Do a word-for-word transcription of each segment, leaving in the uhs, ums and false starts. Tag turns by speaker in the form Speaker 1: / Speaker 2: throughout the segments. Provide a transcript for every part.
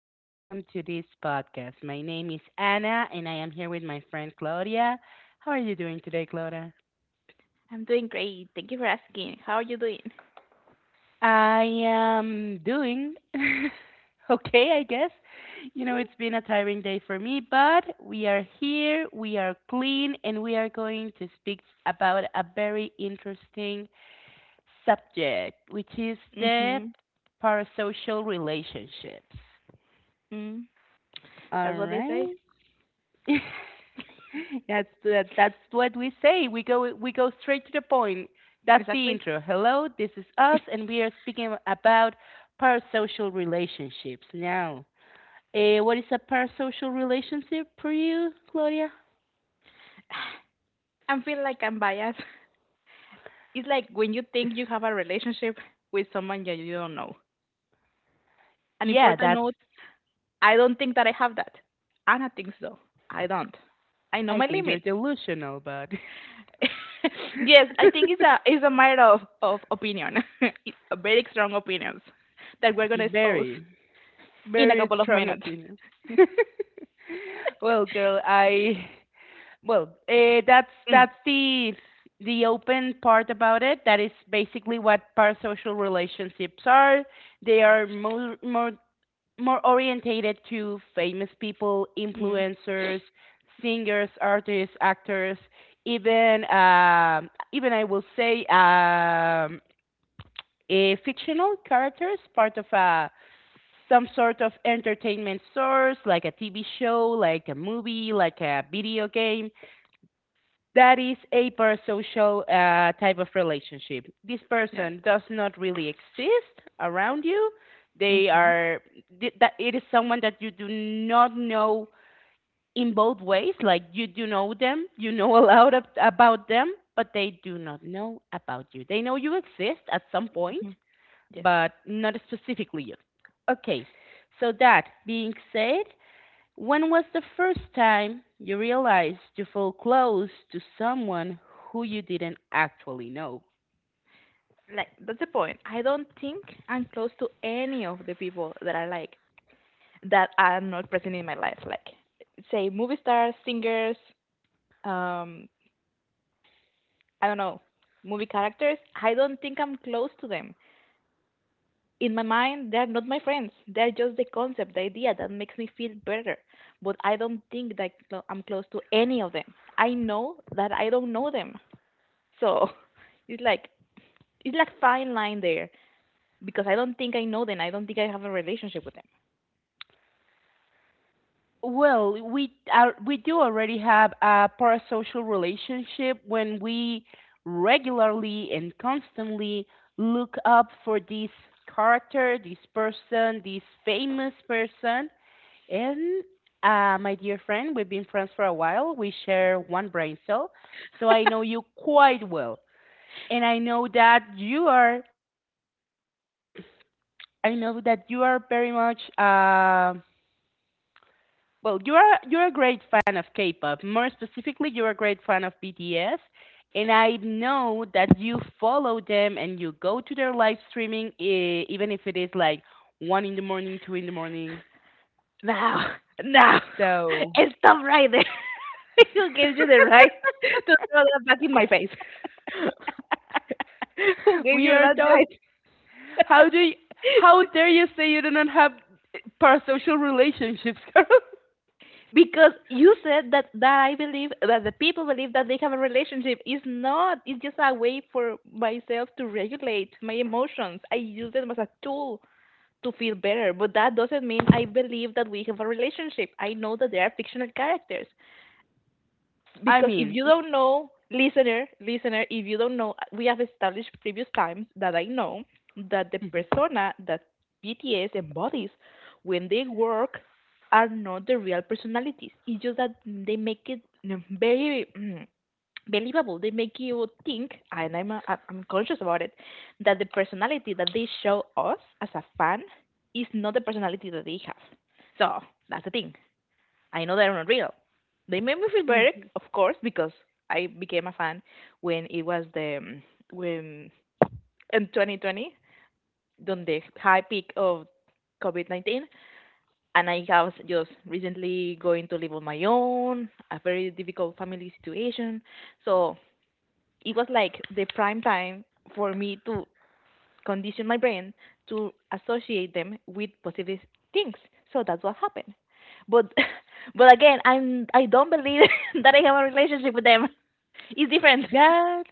Speaker 1: and welcome to this podcast. My name is Anna and I am here with my friend Claudia. How are you doing today, Claudia?
Speaker 2: I'm doing great. Thank you for asking. How are you doing?
Speaker 1: I am doing okay, I guess. You know, it's been a tiring day for me, but we are here, we are clean, and we are going to speak about a very interesting subject, which is the
Speaker 2: Mm-hmm.
Speaker 1: parasocial relationships.
Speaker 2: Mm.
Speaker 1: All
Speaker 2: That's what they say.
Speaker 1: right. that's that, that's what we say. We go we go straight to the point. That's the
Speaker 2: Exactly.
Speaker 1: intro. Hello, this is us, and we are speaking about parasocial relationships now. Uh, what is a parasocial relationship for you, Claudia?
Speaker 2: I feel like I'm biased. It's like when you think you have a relationship with someone that you don't know. An
Speaker 1: Yeah,
Speaker 2: important
Speaker 1: that's.
Speaker 2: note, I don't think that I have that. Anna thinks so. I don't. I know
Speaker 1: I
Speaker 2: my
Speaker 1: think you're
Speaker 2: limits.
Speaker 1: delusional, but
Speaker 2: Yes, I think it's a it's a matter of, of opinion. It's a very strong opinions that we're gonna expose
Speaker 1: very,
Speaker 2: in a
Speaker 1: very
Speaker 2: couple of
Speaker 1: strong
Speaker 2: minutes.
Speaker 1: opinions. well, girl, I Well, uh, that's
Speaker 2: Mm.
Speaker 1: that's the the open part about it. That is basically what parasocial relationships are. They are more more more orientated to famous people,
Speaker 2: Mm.
Speaker 1: influencers, singers, artists, actors, even um even I will say um, eh, fictional characters, part of a some sort of entertainment source, like a T V show, like a movie, like a video game that is a parasocial uh, type of relationship. This
Speaker 2: Yes.
Speaker 1: person does not really exist around you. They
Speaker 2: Mm-hmm.
Speaker 1: are th- that it is someone that you do not know in both ways. Like you do know them, you know a lot of, about them, but they do not know about you. They know you exist at some point,
Speaker 2: Mm-hmm. Yes.
Speaker 1: but not specifically you. Okay, so that being said, when was the first time you realized you felt close to someone who you didn't actually know?
Speaker 2: Like that's the point. I don't think I'm close to any of the people that I like that are not present in my life. Like say movie stars, singers, um, I don't know, movie characters. I don't think I'm close to them. In my mind, they're not my friends. They're just the concept, the idea that makes me feel better. But I don't think that clo- I'm close to any of them. I know that I don't know them. So it's like it's like fine line there because I don't think I know them. I don't think I have a relationship with them.
Speaker 1: Well, we are, we do already have a parasocial relationship when we regularly and constantly look up for this character, this person, this famous person. And uh, my dear friend, we've been friends for a while. We share one brain cell, so I know you quite well. and I know that you are. I know that you are very much. Uh, well, you are you're a great fan of K-pop. More specifically, you're a great fan of B T S, and I know that you follow them and you go to their live streaming, e- even if it is like one in the morning, two in the morning.
Speaker 2: No, no.
Speaker 1: So
Speaker 2: Stop right there. Who gave you the right to throw that back in my face? Who gave
Speaker 1: we
Speaker 2: you
Speaker 1: are
Speaker 2: that right?
Speaker 1: talking. How do you, how dare you say you do not have parasocial relationships, girl?
Speaker 2: Because you said that, that I believe that the people believe that they have a relationship. It's not. It's just a way for myself to regulate my emotions. I use them as a tool to feel better, but that doesn't mean I believe that we have a relationship. I know that they are fictional characters.
Speaker 1: I
Speaker 2: Because if
Speaker 1: mean,
Speaker 2: you don't know, listener listener if you don't know, we have established previous times that I know that the persona that BTS embodies when they work are not the real personalities. It's just that they make it mm, very mm, believable. They make you think, and i'm uh, I- i'm conscious about it, that the personality that they show us as a fan is not the personality that they have. So that's the thing. I know they're not real. They made me feel better, of course, because I became a fan when it was the um, when in twenty twenty, on the high peak of COVID nineteen, and I was just recently going to live on my own, a very difficult family situation. So it was like the prime time for me to condition my brain to associate them with positive things. So that's what happened. But but again, I'm I don't believe that I have a relationship with them. It's different.
Speaker 1: That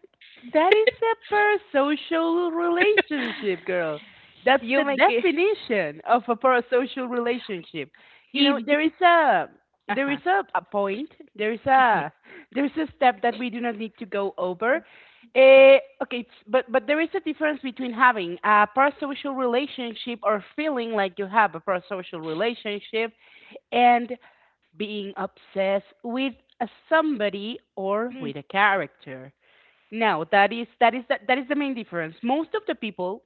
Speaker 1: that is a parasocial relationship, girl. That's
Speaker 2: You
Speaker 1: the
Speaker 2: make it
Speaker 1: definition of a parasocial relationship. You
Speaker 2: if
Speaker 1: know, there
Speaker 2: J
Speaker 1: is a there is
Speaker 2: uh-huh.
Speaker 1: a, a point, there is a there is a step that we do not need to go over. Uh, okay, it's- but but there is a difference between having a parasocial relationship or feeling like you have a parasocial relationship and being obsessed with a somebody or
Speaker 2: Mm.
Speaker 1: with a character. No, that is that is that, that is the main difference. Most of the people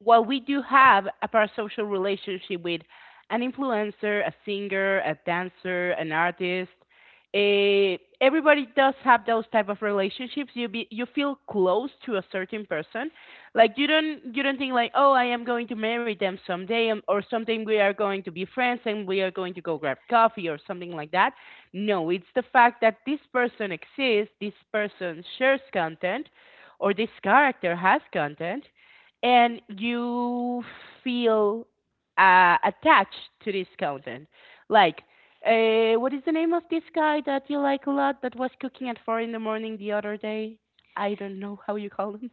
Speaker 1: while we do have a parasocial relationship with an influencer, a singer, a dancer, an artist, eh, everybody does have those type of relationships. You be you feel close to a certain person, like you don't you don't think like oh I am going to marry them someday um, or something we are going to be friends and we are going to go grab coffee or something like that. No, it's the fact that this person exists, this person shares content, or this character has content, and you feel uh, attached to this content. Like, uh, what is the name of this guy that you like a lot that was cooking at four in the morning the other day? I don't know how you call him.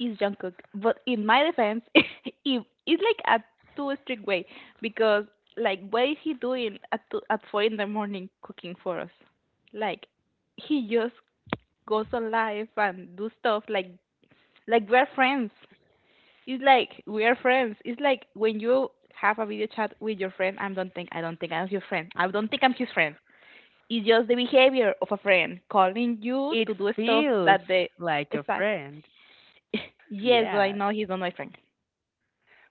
Speaker 2: is Jungkook, but in my defense, if it's like a too strict way, because like what is he doing at two, at four in the morning cooking for us? Like he just goes on live and do stuff like like we're friends. It's like we are friends. It's like when you have a video chat with your friend. I don't think I don't think I'm your friend. I don't think I'm his friend. It's just the behavior of a friend calling you
Speaker 1: It
Speaker 2: to do stuff
Speaker 1: feels
Speaker 2: that the
Speaker 1: like a
Speaker 2: exact.
Speaker 1: friend.
Speaker 2: Yes, but I
Speaker 1: Yeah.
Speaker 2: know he's not my friend.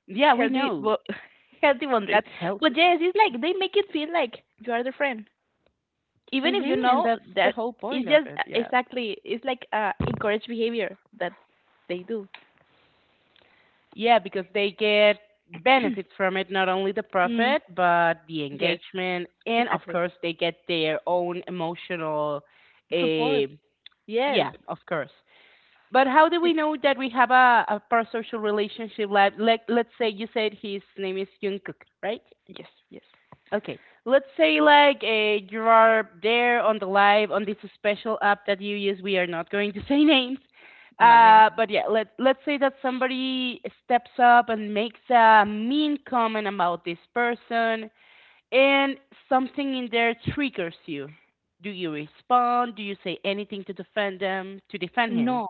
Speaker 1: Yeah, we
Speaker 2: Healthy,
Speaker 1: know.
Speaker 2: but healthy boundaries.
Speaker 1: That's
Speaker 2: But
Speaker 1: healthy.
Speaker 2: yes, it's like they make it feel like you are the friend, even if
Speaker 1: hmm
Speaker 2: you
Speaker 1: And
Speaker 2: know
Speaker 1: that's the
Speaker 2: that
Speaker 1: whole point
Speaker 2: it's
Speaker 1: of
Speaker 2: just uh,
Speaker 1: it. Yeah.
Speaker 2: exactly. It's like uh, encouraged behavior that they do.
Speaker 1: Yeah, because they get benefits from it, not only the
Speaker 2: mm,
Speaker 1: profit, but the
Speaker 2: yes,
Speaker 1: engagement, and of
Speaker 2: exactly.
Speaker 1: course, they get their own emotional.
Speaker 2: Support.
Speaker 1: Uh,
Speaker 2: Yes,
Speaker 1: yeah, of course. But how do we know that we have a, a parasocial relationship? Like, like, let's say you said his name is Jungkook, right?
Speaker 2: yes, yes.
Speaker 1: Okay, let's say like uh, you are there on the live on this special app that you use. We are not going to say names,
Speaker 2: No names.
Speaker 1: uh, but yeah, let let's say that somebody steps up and makes a mean comment about this person, and something in there triggers you. Do you respond? Do you say anything to defend them? To defend him?
Speaker 2: No,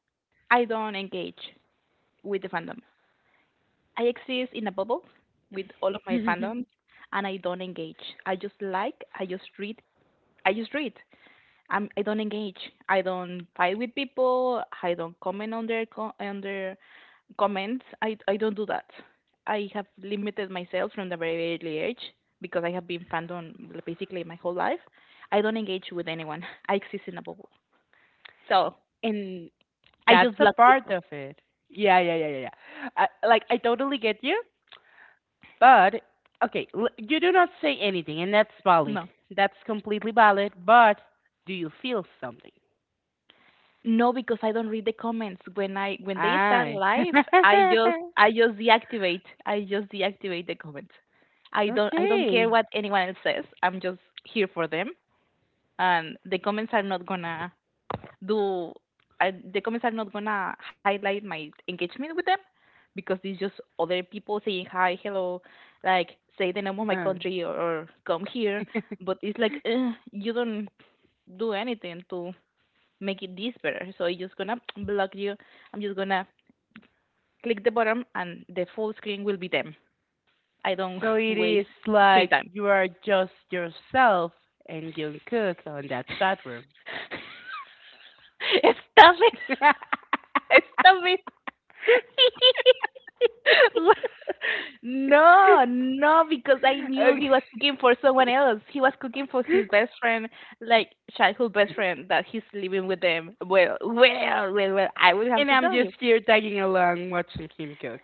Speaker 2: I don't engage with the fandom. I exist in a bubble with all of my fandoms, and I don't engage. I just like, I just read, I just read. I'm, I don't engage. I don't fight with people. I don't comment on their co- on their comments. I I don't do that. I have limited myself from the very early age because I have been fandom basically my whole life. I don't engage with anyone. I exist in a bubble. So
Speaker 1: And
Speaker 2: I
Speaker 1: that's
Speaker 2: just
Speaker 1: a
Speaker 2: block
Speaker 1: part
Speaker 2: people.
Speaker 1: of it. Yeah, yeah, yeah, yeah, yeah. I, like I totally get you. But okay, l- you do not say anything, and that's valid.
Speaker 2: No.
Speaker 1: That's completely valid. But do you feel something?
Speaker 2: No, because I don't read the comments. When I when they start
Speaker 1: Ah,
Speaker 2: live, I just I just deactivate. I just deactivate the comments. I don't I don't care
Speaker 1: okay.
Speaker 2: what anyone else says. I'm just here for them, and the comments are not gonna do. Uh, the comments are not gonna highlight my engagement with them because it's just other people saying hi, hello, like say the name of my
Speaker 1: Uh,
Speaker 2: country or, or come here. But it's like eh, you don't do anything to making this better. So it's just gonna block you. I'm just gonna click the bottom and the full screen will be them. I don't
Speaker 1: so it
Speaker 2: waste
Speaker 1: is
Speaker 2: screen
Speaker 1: like
Speaker 2: time.
Speaker 1: you are just yourself and Jungkook Cook on that chat room.
Speaker 2: Stop it! Stop it! No, no, because I knew
Speaker 1: Okay,
Speaker 2: he was cooking for someone else. He was cooking for his best friend, like childhood best friend that he's living with them. Well, well, well, well, I will have
Speaker 1: and
Speaker 2: to
Speaker 1: I'm
Speaker 2: tell you.
Speaker 1: just here tagging along, watching him cook.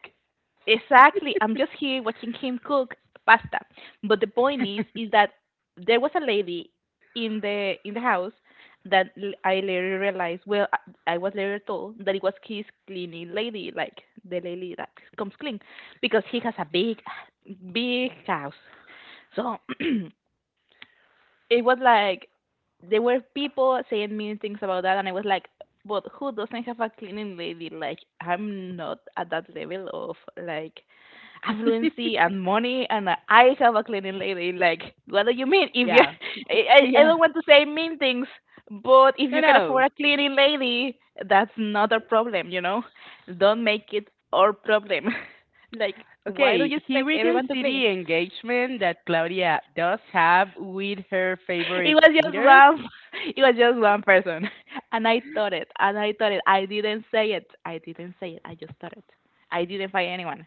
Speaker 2: Exactly. I'm just here watching him cook pasta. But the point is, is that there was a lady in the in the house that l- I later realized. Well, I I was later told that it was his cleaning lady, like the lady that comes clean, because he has a big, big house. So it was like there were people saying mean things about that, and I was like, but who doesn't have a cleaning lady? Like I'm not at that level of like affluency and money and uh, I have a cleaning lady. Like, what do you mean? If you,
Speaker 1: Yeah,
Speaker 2: I, I I
Speaker 1: yeah.
Speaker 2: don't want to say mean things, but if
Speaker 1: No,
Speaker 2: you can
Speaker 1: no.
Speaker 2: afford a cleaning lady, that's not a problem, you know? Don't make it our problem. Like, why do
Speaker 1: Okay,
Speaker 2: you
Speaker 1: here
Speaker 2: expect
Speaker 1: we can
Speaker 2: everyone to
Speaker 1: see
Speaker 2: clean?
Speaker 1: the engagement that Claudia does have with her
Speaker 2: It
Speaker 1: favorite
Speaker 2: was just
Speaker 1: singers.
Speaker 2: one, it was just one person. And I thought it, and I thought it. I didn't say it. I didn't say it. I just thought it. I didn't find anyone.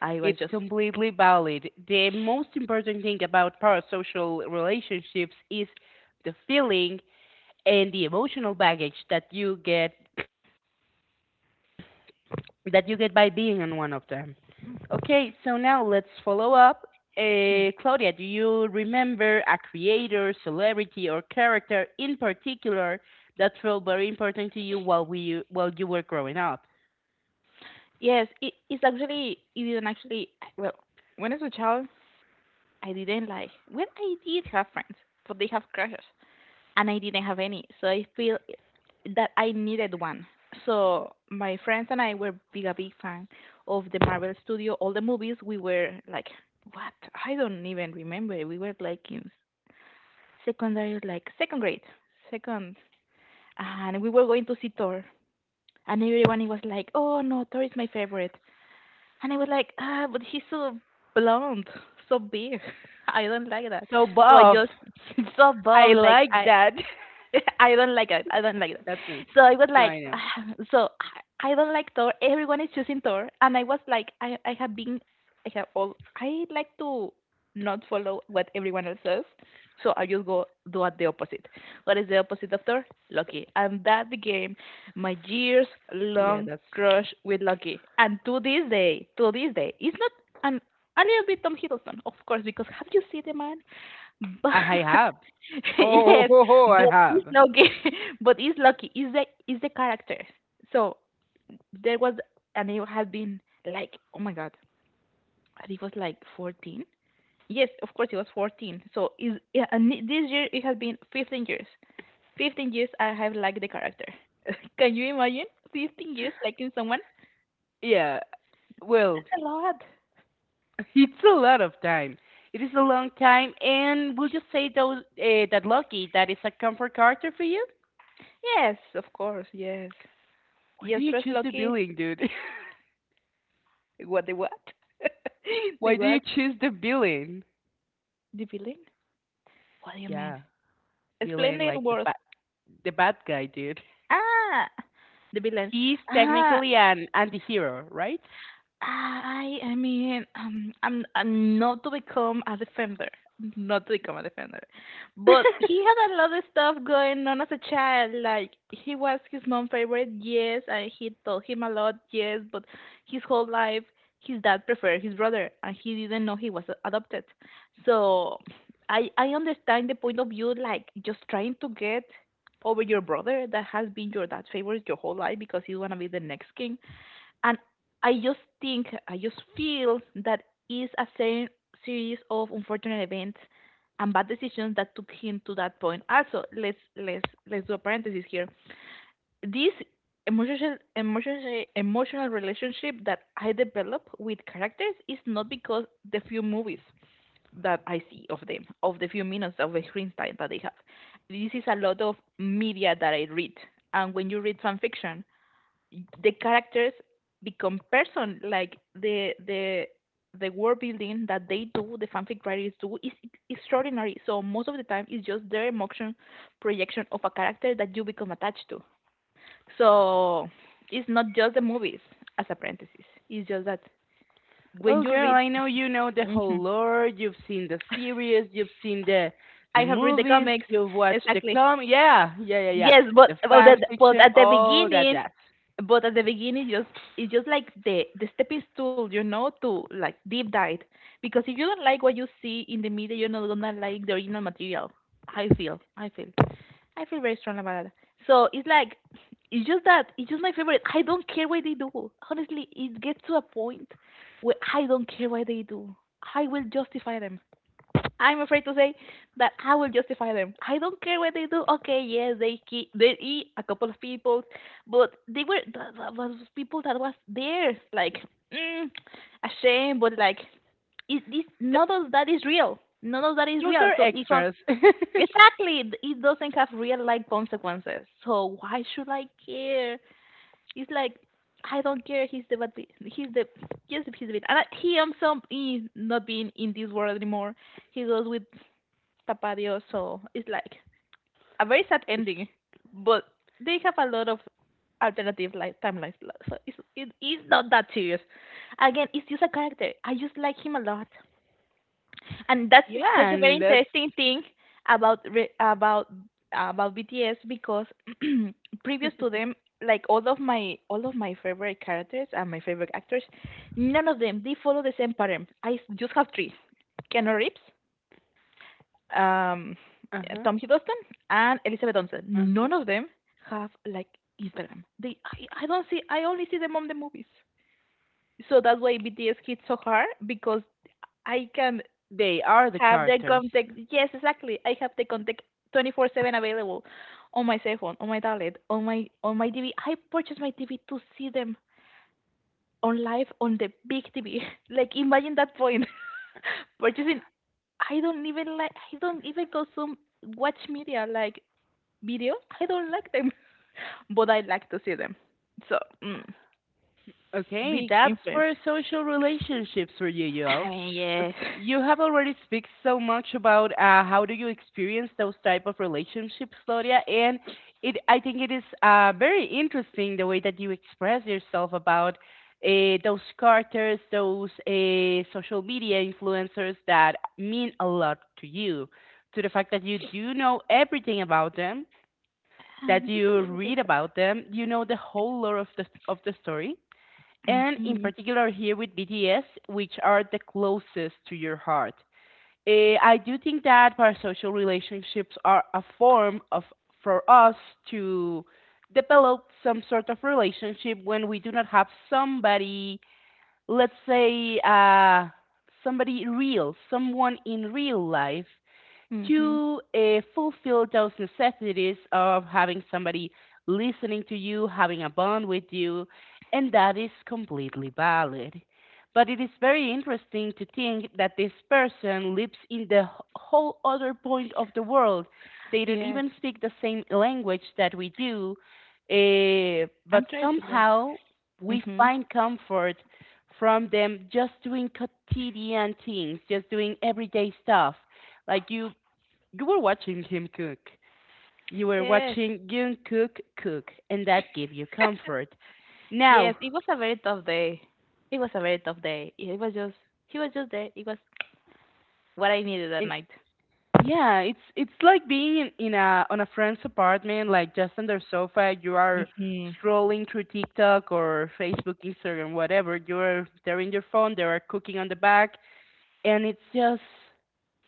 Speaker 2: I was
Speaker 1: It's
Speaker 2: just,
Speaker 1: completely valid. The most important thing about parasocial relationships is the feeling and the emotional baggage that you get that you get by being on one of them. Okay, so now let's follow up.
Speaker 2: hmm.
Speaker 1: Uh, Claudia, do you remember a creator, celebrity, or character in particular that felt very important to you while we while you were growing up?
Speaker 2: Yes, it is actually it didn't actually well when I was a child I didn't like well I did have friends but they have crushes and I didn't have any, so I feel that I needed one. So my friends and I were big a big fan of the Marvel Studio all the movies. We were like what I don't even remember. We were like in secondary, like second grade, second, and we were going to see Thor, and everyone was like, oh no, Thor is my favorite. And I was like, ah, but he's so blonde, so big. I don't like that.
Speaker 1: So
Speaker 2: So I
Speaker 1: Bob,
Speaker 2: just so
Speaker 1: I
Speaker 2: above, like
Speaker 1: like
Speaker 2: I
Speaker 1: that.
Speaker 2: I don't like it. I don't like it.
Speaker 1: That's me.
Speaker 2: So I was
Speaker 1: No,
Speaker 2: like,
Speaker 1: I know.
Speaker 2: so I I don't like Thor. Everyone is choosing Thor, and I was like, I I have been, I have all. I like to not follow what everyone else says, so I just go do at the opposite. What is the opposite of Thor? Loki, and that became my years
Speaker 1: Yeah,
Speaker 2: long
Speaker 1: that's
Speaker 2: crush with Loki. And to this day, to this day, it's not an a little bit Tom Hiddleston, of course, because have you seen the man? But
Speaker 1: I I have. Ho
Speaker 2: yes,
Speaker 1: ho ho! ho, I
Speaker 2: but it's
Speaker 1: have.
Speaker 2: lucky. But it's lucky. Is the is the character. So there was, and it had been like, oh my god, and he was like fourteen. Yes, of course it was fourteen. So is yeah, and it- this year it has been fifteen years. fifteen years I have liked the character. Can you imagine fifteen years liking someone?
Speaker 1: Yeah. Well,
Speaker 2: That's a lot.
Speaker 1: It's a lot of time. It is a long time, and we'll just say though uh, that lucky that is a comfort character for you.
Speaker 2: Yes, of course. Yes,
Speaker 1: Why do
Speaker 2: yes.
Speaker 1: you
Speaker 2: First
Speaker 1: choose the
Speaker 2: lucky.
Speaker 1: villain, dude?
Speaker 2: What the what?
Speaker 1: Why
Speaker 2: The
Speaker 1: do you
Speaker 2: what?
Speaker 1: choose the villain?
Speaker 2: The villain? What do you mean?
Speaker 1: Yeah,
Speaker 2: Explain
Speaker 1: villain
Speaker 2: the
Speaker 1: like the
Speaker 2: words.
Speaker 1: bad the bad guy, dude.
Speaker 2: Ah, the villain.
Speaker 1: He's
Speaker 2: Ah,
Speaker 1: technically an anti-hero, right?
Speaker 2: I I mean um I'm I'm not to become a defender, not to become a defender, but he had a lot of stuff going on as a child. Like he was his mom favorite, yes, and he told him a lot, yes, but his whole life his dad preferred his brother, and he didn't know he was a- adopted. So I I understand the point of view, like just trying to get over your brother that has been your dad's favorite your whole life because you wanna be the next king, and I just think, I just feel that is a ser- series of unfortunate events and bad decisions that took him to that point. Also, let's let's let's do a parenthesis here. This emotional emotional emotional relationship that I develop with characters is not because the few movies that I see of them, of the few minutes of the screen time that they have. This is a lot of media that I read, and when you read fan fiction, the characters become person like the the the world building that they do the fanfic writers do is extraordinary. So most of the time it's just their emotion projection of a character that you become attached to, so it's not just the movies as apprentices. It's just that when
Speaker 1: Oh,
Speaker 2: you
Speaker 1: girl,
Speaker 2: read.
Speaker 1: I know you know the whole
Speaker 2: Mhm.
Speaker 1: lore. You've seen the series, you've seen the the
Speaker 2: I have read the
Speaker 1: movies,
Speaker 2: comics,
Speaker 1: you've watched the
Speaker 2: exactly.
Speaker 1: comic. Yeah, yeah, yeah, yeah.
Speaker 2: Yes, but
Speaker 1: The
Speaker 2: but, at
Speaker 1: fan
Speaker 2: but
Speaker 1: fiction,
Speaker 2: at the
Speaker 1: all that
Speaker 2: beginning,
Speaker 1: jazz.
Speaker 2: but at the beginning just it's just like the the stepping stool, you know to like deep dive, because if you don't like what you see in the media, you're not gonna like the original material. i feel i feel I feel very strong about that. So it's like it's just that, it's just my favorite, I don't care what they do. Honestly, it gets to a point where I don't care what they do, I will justify them. I'm afraid to say that I will justify them. I don't care what they do. Okay, yes, they ki- they eat a couple of people, but they were th- th- those people that was theirs. Like, mm, a shame, but like, it, this, none of that is real. None of that is
Speaker 1: Those
Speaker 2: real.
Speaker 1: are
Speaker 2: So it has
Speaker 1: extras.
Speaker 2: exactly th- it doesn't have real life consequences. So why should I care? It's like I don't care. He's the bad. bi- He's the yes. He's the bad. And I, he also is not being in this world anymore, he goes with Tapadio, so it's like a very sad ending. But they have a lot of alternative like timelines, lo- so it's, it is not that serious. Again, it's just a character. I just like him a lot, and that's
Speaker 1: yeah,
Speaker 2: that's a very
Speaker 1: and that's
Speaker 2: interesting thing about re- about about B T S because previous to them, like all of my all of my favorite characters and my favorite actors, none of them, they follow the same pattern. I s- just have three: Keanu Reeves, um,
Speaker 1: Uh-huh,
Speaker 2: Tom Hiddleston and Elizabeth Olsen.
Speaker 1: uh-huh.
Speaker 2: None of them have like Instagram. They, I, I don't see. I only see them on the movies. So that's why B T S hits so hard because I can
Speaker 1: They are the
Speaker 2: have the
Speaker 1: characters.
Speaker 2: contact. Yes, exactly. I have the contact twenty-four seven available on my cell phone, on my tablet, on my on my T V. I purchased my T V to see them on live on the big T V. Like imagine that point. Purchasing. I don't even like. I don't even consume, watch media like. Videos? I don't like them, but I like to see them. So, mm,
Speaker 1: Okay,
Speaker 2: big
Speaker 1: that's
Speaker 2: influence.
Speaker 1: for social relationships for you, Yoel.
Speaker 2: I mean, yes.
Speaker 1: Ok- You have already speak so much about uh, how do you experience those type of relationships, Claudia, and it I think it is uh, very interesting the way that you express yourself about uh, those characters, those uh, social media influencers that mean a lot to you, to the fact that you do know everything about them,
Speaker 2: Uh,
Speaker 1: that
Speaker 2: just a
Speaker 1: you
Speaker 2: little bit.
Speaker 1: read about them, you know the whole lore of the of the story and in
Speaker 2: Mm-hmm.
Speaker 1: particular here with B T S, which are the closest to your heart. Eh, I do think that parasocial relationships are a form of for us to develop some sort of relationship when we do not have somebody, let's say, uh, somebody real, someone in real life
Speaker 2: Mm-hmm.
Speaker 1: to uh, fulfill those necessities of having somebody listening to you, having a bond with you, and that is completely valid. But it is very interesting to think that this person lives in the whole other point of the world. They don't
Speaker 2: Yes.
Speaker 1: even speak the same language that we do, eh, but
Speaker 2: I'm trying to learn.
Speaker 1: somehow we
Speaker 2: Mm-hmm.
Speaker 1: find comfort from them just doing quotidian things, just doing everyday stuff. Like you you were watching him cook. You were
Speaker 2: Yes.
Speaker 1: watching Yoon Cook cook, and that gave you comfort. Now,
Speaker 2: Yes. It was a very tough day. It was a very tough day. It was just, he was just there. It was what I needed that
Speaker 1: and
Speaker 2: night.
Speaker 1: yeah, it's it's like being in, in a on a friend's apartment, like just on their sofa. You are
Speaker 2: Mm-hmm.
Speaker 1: scrolling through TikTok or Facebook, Instagram, whatever. You're they're in your phone. They are cooking on the back, and it's just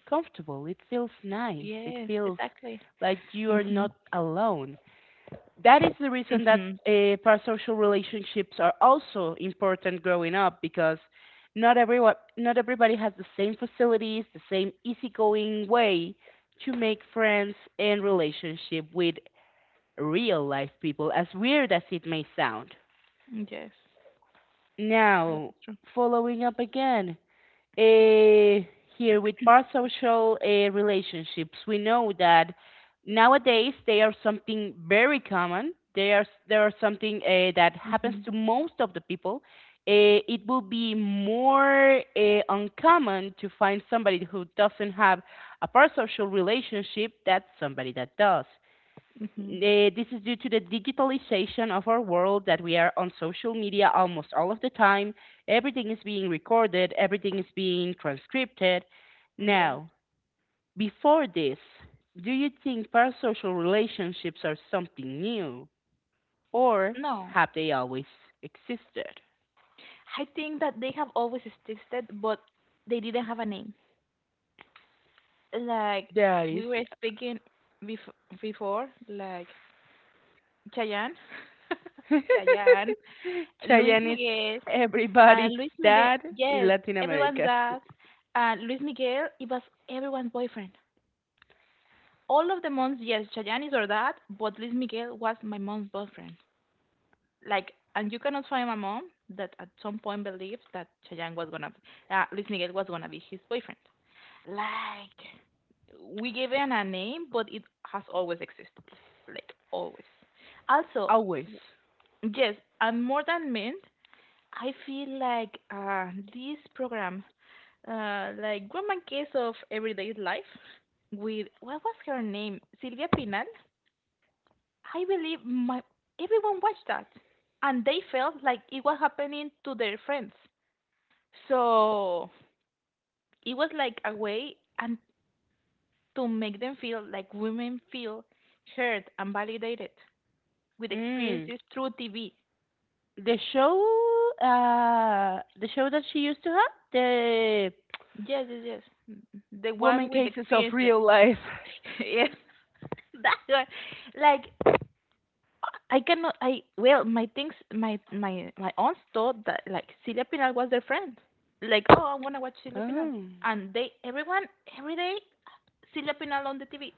Speaker 1: comfortable. It feels nice. It
Speaker 2: Yes,
Speaker 1: feels
Speaker 2: exactly.
Speaker 1: like you are
Speaker 2: Mm-hmm.
Speaker 1: not alone. that is the reason that
Speaker 2: Mm-hmm.
Speaker 1: uh, parasocial relationships are also important growing up because not everyone not everybody has the same facilities, the same easygoing way to make friends and relationship with real life people, as weird as it may sound.
Speaker 2: Yes. Yes,
Speaker 1: Now
Speaker 2: it's true.
Speaker 1: following up again, uh, here with parasocial uh, relationships. We know that nowadays they are something very common. They are they are something uh, that happens
Speaker 2: Mm-hmm.
Speaker 1: to most of the people. Uh, it will be more uh, uncommon to find somebody who doesn't have a parasocial relationship than somebody that does.
Speaker 2: Mm-hmm.
Speaker 1: Eh, this is due to the digitalization of our world that we are on social media almost all of the time. Everything is being recorded, everything is being transcribed. Now,
Speaker 2: Yes.
Speaker 1: before this, do you think parasocial relationships are something new or
Speaker 2: No.
Speaker 1: have they always existed?
Speaker 2: I think that they have always existed, but they didn't have a name. Like
Speaker 1: That is,
Speaker 2: we were speaking bef- before, like Chayanne, Chayanne, Luis
Speaker 1: Cheyenne is
Speaker 2: Miguel,
Speaker 1: everybody's
Speaker 2: and Luis Miguel.
Speaker 1: dad in
Speaker 2: Yes,
Speaker 1: Latin
Speaker 2: everyone
Speaker 1: America.
Speaker 2: does. And Luis Miguel, it was everyone's boyfriend. All of the moms, yes, Chayanne is or dad, but Luis Miguel was my mom's boyfriend. Like, and you cannot find my mom that at some point believed that Chayanne was gonna, uh, Luis Miguel was gonna be his boyfriend. Like we gave it a name, but it has always existed, like always. Also,
Speaker 1: Always.
Speaker 2: w- yes, and more than meant. I feel like uh, this program, uh, like woman Case of Everyday Life, with what was her name, Silvia Pinal. I believe my Everyone watched that, and they felt like it was happening to their friends. So it was like a way, and to make them feel like women feel heard and validated with
Speaker 1: Mm.
Speaker 2: experiences through T V.
Speaker 1: The show, uh, the show that she used to have, the
Speaker 2: Yes, yes, yes. Mm, the
Speaker 1: woman
Speaker 2: one with
Speaker 1: cases of
Speaker 2: experiences.
Speaker 1: real life.
Speaker 2: Yes, that one. Like I cannot. I, well, my things, my my my aunts thought that like Celia Pinal was their friend. Like, oh, I wanna watch Celia Pinal,
Speaker 1: Oh,
Speaker 2: and they everyone every day Celia Pinal on the T V.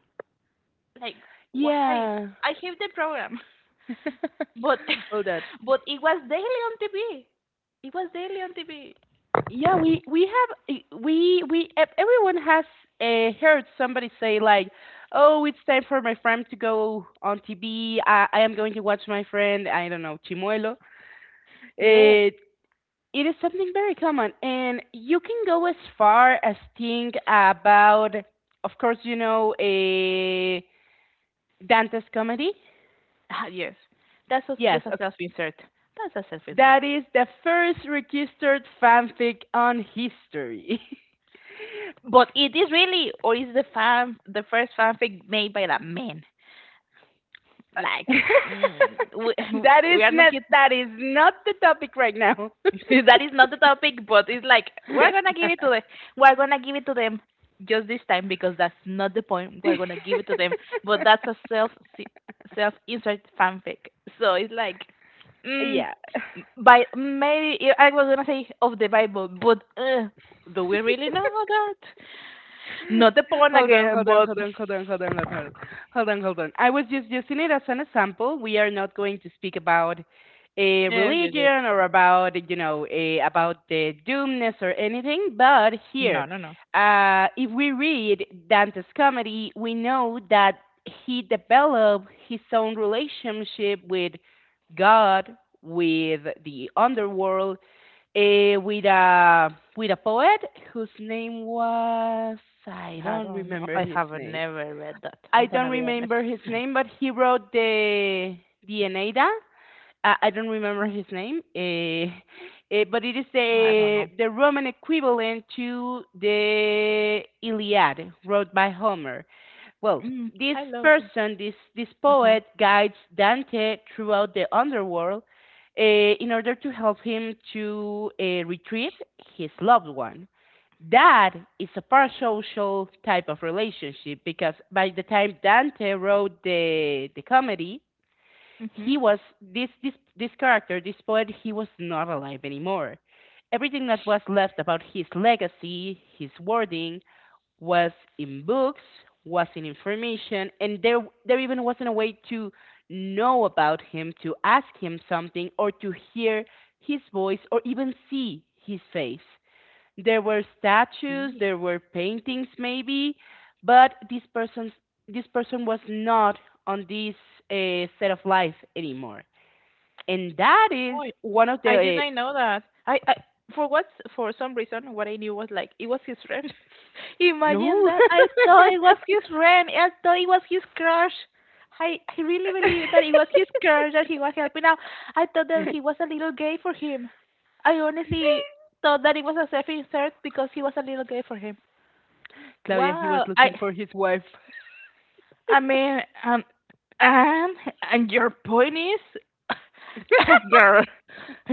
Speaker 2: Like why?
Speaker 1: yeah.
Speaker 2: I hate the program. But
Speaker 1: well, that.
Speaker 2: but it was daily on T V. It was daily on T V.
Speaker 1: Yeah, we we have eh, we we ev- everyone has uh, heard somebody say like, "Oh, it's time for my friend to go on T V. I, I am going to watch my friend. I don't know Chimuelo.
Speaker 2: Yes.
Speaker 1: Uh, It is something very common, and you can go as far as think about, of course, you know, a Dante's comedy.
Speaker 2: Ah, yes. That's a, just
Speaker 1: Yes,
Speaker 2: a
Speaker 1: okay.
Speaker 2: self insert. That's a self insert.
Speaker 1: That is the first registered fanfic on history.
Speaker 2: But it is really, or is the fan the first fanfic made by a man? Like, mm, we,
Speaker 1: that is
Speaker 2: we are not
Speaker 1: not
Speaker 2: here.
Speaker 1: that is not the topic right now.
Speaker 2: That is not the topic, but it's like we're gonna give it to the we're gonna give it to them just this time because that's not the point. We're gonna give it to them, but that's a self si, self insert fanfic. So it's like, mm,
Speaker 1: yeah,
Speaker 2: by maybe, yeah, I was gonna say of the Bible, but uh, do we really know that? Not the porn
Speaker 1: hold on,
Speaker 2: again,
Speaker 1: hold on,
Speaker 2: but
Speaker 1: hold on, hold on, hold on, hold on, hold on, hold on. I was just using it as an example. We are not going to speak about a
Speaker 2: yes, yes, yes.
Speaker 1: religion or about you know a, about the doomness or anything. But here,
Speaker 2: No, no, no.
Speaker 1: uh, if we read Dante's comedy, we know that he developed his own relationship with God, with the underworld, eh, with a with a poet whose name was I
Speaker 2: I
Speaker 1: don't
Speaker 2: don't know.
Speaker 1: remember
Speaker 2: I
Speaker 1: his
Speaker 2: have
Speaker 1: name.
Speaker 2: never read that.
Speaker 1: I
Speaker 2: I'm gonna
Speaker 1: don't
Speaker 2: be honest.
Speaker 1: remember his name, but he wrote the the Eneida. Uh, I don't remember
Speaker 2: Mm,
Speaker 1: his name, eh, eh, but it is
Speaker 2: I don't
Speaker 1: the
Speaker 2: know.
Speaker 1: the Roman equivalent to the Iliad, wrote by Homer. Well,
Speaker 2: Mm,
Speaker 1: this
Speaker 2: I love it.
Speaker 1: person, this this
Speaker 2: Uh huh.
Speaker 1: poet, guides Dante throughout the underworld uh, in order to help him to uh, retrieve his loved one. That is a parasocial type of relationship because by the time Dante wrote the the comedy,
Speaker 2: Mhm.
Speaker 1: he was this this this character, this poet, he was not alive anymore. Everything that was left about his legacy, his wording, was in books, was in information, and there there even wasn't a way to know about him, to ask him something, or to hear his voice, or even see his face. There were statues, there were paintings maybe, but this person's this person was not on this uh, set of life anymore. And that is
Speaker 2: Oh,
Speaker 1: one of
Speaker 2: I
Speaker 1: the uh,
Speaker 2: didn't know that. I, I for what, for some reason what I knew was like it was his friend. Imagine
Speaker 1: no,
Speaker 2: that. I thought it was his friend. I thought it was his crush. I I really believed that it was his crush that he was helping out. I thought that he was a little gay for him. I honestly thought that it was a selfish thirst because he was a little gay for him.
Speaker 1: Claudia, he was
Speaker 2: Wow. I
Speaker 1: looking for his wife.
Speaker 2: I mean, um, and and your point is, girl,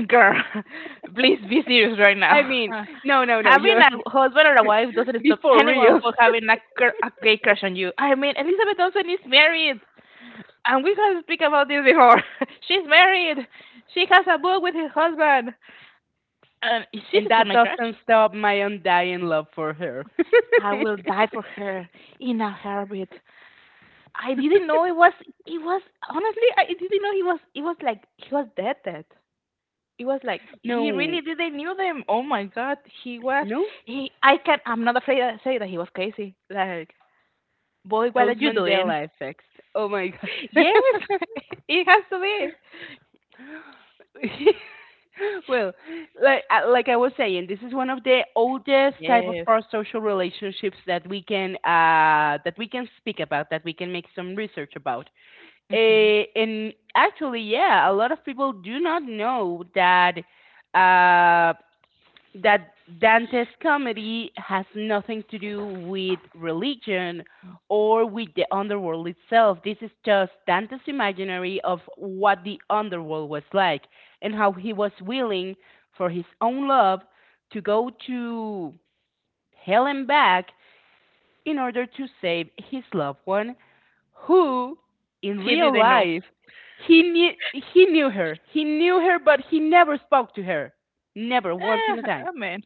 Speaker 2: girl, please be serious right
Speaker 1: I
Speaker 2: now.
Speaker 1: mean,
Speaker 2: Uh,
Speaker 1: no, no, no,
Speaker 2: having
Speaker 1: you
Speaker 2: a husband or a wife doesn't
Speaker 1: be
Speaker 2: stop
Speaker 1: for
Speaker 2: anyone
Speaker 1: real.
Speaker 2: from having a, cr- a great crush on you. I mean, Elizabeth Olsen is married, and we have speak about this before. She's married. She has a book with her husband, and she's
Speaker 1: And
Speaker 2: still
Speaker 1: that
Speaker 2: my crush.
Speaker 1: doesn't stop my undying love for her.
Speaker 2: I will die for her in a heartbeat. I didn't know it was it was Honestly, I didn't know he was it was like he was dead dead. It was like he
Speaker 1: no,
Speaker 2: really didn't knew them. Oh my god, he was
Speaker 1: no,
Speaker 2: he I can, I'm not afraid to say that he was crazy. Like, boy, what are
Speaker 1: those
Speaker 2: you doing?
Speaker 1: Mandela effects. Oh my god.
Speaker 2: Yes, it has to be.
Speaker 1: well, like I- like I was saying, this is one of the oldest type of
Speaker 2: Yes.
Speaker 1: parasocial relationships that we can uh, that we can speak about, that we can make some research about.
Speaker 2: Hmm.
Speaker 1: Eh, and actually, yeah, a lot of people do not know that uh, that Dante's comedy has nothing to do with religion or with the underworld itself. This is just Dante's imaginary of what the underworld was like and how he was willing for his own love to go to hell and back in order to save his loved one who in
Speaker 2: She
Speaker 1: real
Speaker 2: didn't know.
Speaker 1: life he knew he knew her. He knew her but he never spoke to her. Never once in a
Speaker 2: Ah,
Speaker 1: time.
Speaker 2: oh man.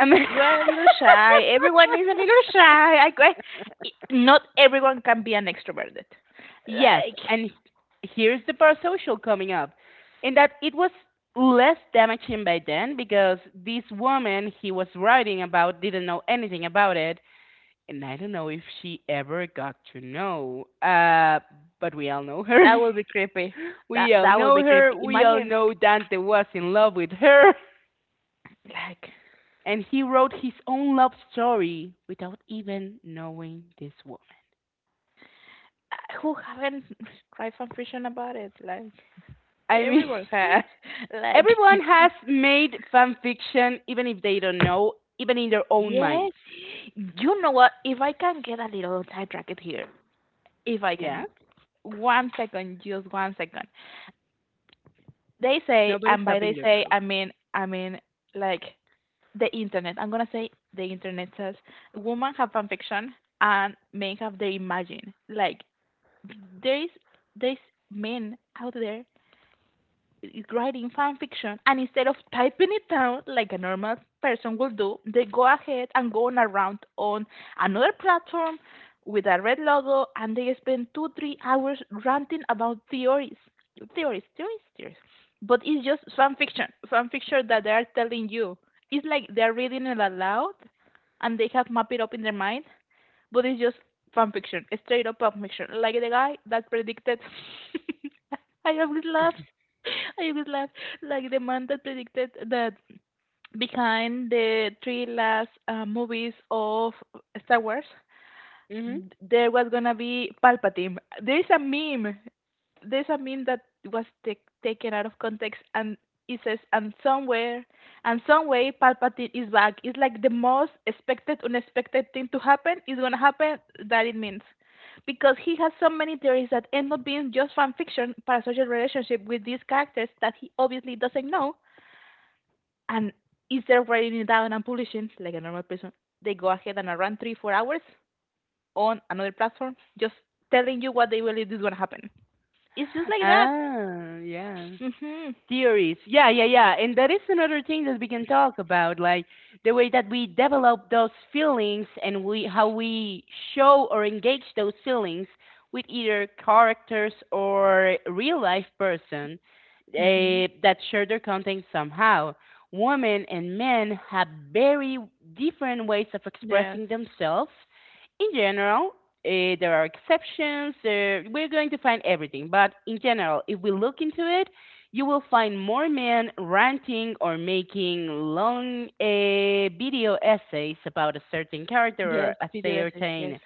Speaker 1: I mean,
Speaker 2: We're a little shy. Everyone is a little shy. I, I, not everyone can be an extroverted.
Speaker 1: yes,
Speaker 2: Like,
Speaker 1: and here's the parasocial coming up, in that it was less damaging by then because this woman he was writing about didn't know anything about it, and I don't know if she ever got to know. Uh, but we all know
Speaker 2: that
Speaker 1: her.
Speaker 2: would be creepy. That
Speaker 1: we all
Speaker 2: that would be
Speaker 1: know her.
Speaker 2: creepy.
Speaker 1: We all
Speaker 2: Imagine
Speaker 1: know Dante was in love with her,
Speaker 2: like,
Speaker 1: and he wrote his own love story without even knowing this woman.
Speaker 2: uh, who haven't tried fanfiction about it? Like
Speaker 1: I mean,
Speaker 2: everyone has. Like
Speaker 1: everyone has made fan fiction, even if they don't know, even in their own minds.
Speaker 2: yes, you know what? If I can get a little sidetracked here, if I
Speaker 1: Yeah,
Speaker 2: can, one second, just one second. They say,
Speaker 1: nobody's
Speaker 2: and by
Speaker 1: stopping
Speaker 2: they
Speaker 1: you,
Speaker 2: say,
Speaker 1: girl.
Speaker 2: I mean, I mean, like the internet. I'm gonna say the internet says women have fanfiction and men have their imagine. Like there is, there's men out there is writing fan fiction, and instead of typing it down like a normal person will do, they go ahead and go on around on another platform with a red logo, and they spend two three hours ranting about theories theories theories theories, but it's just fan fiction fan fiction that they are telling you. It's like they're reading it aloud and they have mapped it up in their mind, but it's just fan fiction, straight up fan fiction. Like the guy that predicted. I always laugh. I always laugh. Like the man that predicted that behind the three last uh, movies of Star Wars,
Speaker 1: Hmm.
Speaker 2: there was gonna be Palpatine. There is a meme there's a meme that was t- taken out of context, and it says, and somewhere and some way Palpatine is back. It's like the most expected unexpected thing to happen is going to happen. That it means, because he has so many theories that end up being just fan fiction, parasocial relationship with these characters that he obviously doesn't know, and instead of writing it down and publishing like a normal person, they go ahead and run three four hours on another platform just telling you what they believe is going to happen. It's just like that.
Speaker 1: Ah, yeah.
Speaker 2: Hmm.
Speaker 1: Theories. Yeah, yeah, yeah. And that is another thing that we can talk about, like the way that we develop those feelings and we how we show or engage those feelings with either characters or real life person
Speaker 2: Mhm.
Speaker 1: eh, that share their content somehow. Women and men have very different ways of
Speaker 2: Yes.
Speaker 1: expressing themselves. In general, uh, there are exceptions. Uh, we're going to find everything, but in general, if we look into it, you will find more men ranting or making long uh, video essays about a certain character
Speaker 2: Yes,
Speaker 1: or a
Speaker 2: video essays, yes.
Speaker 1: certain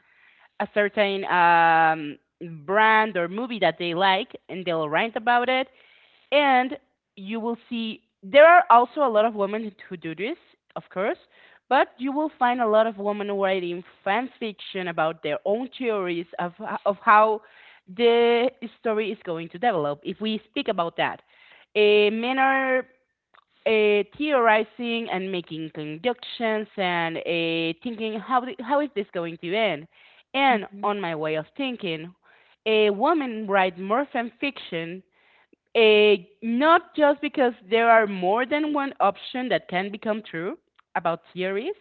Speaker 1: a certain um, brand or movie that they like, and they'll rant about it and you will see there are also a lot of women who do this, of course, but you will find a lot of women writing fan fiction about their own theories of of how the story is going to develop. If we speak about that, uh, men are uh, theorizing and making conjectures and uh, thinking how th- how is this going to end. And
Speaker 2: Mhm.
Speaker 1: on my way of thinking, a woman write more fan fiction uh, not just because there are more than one option that can become true about theories,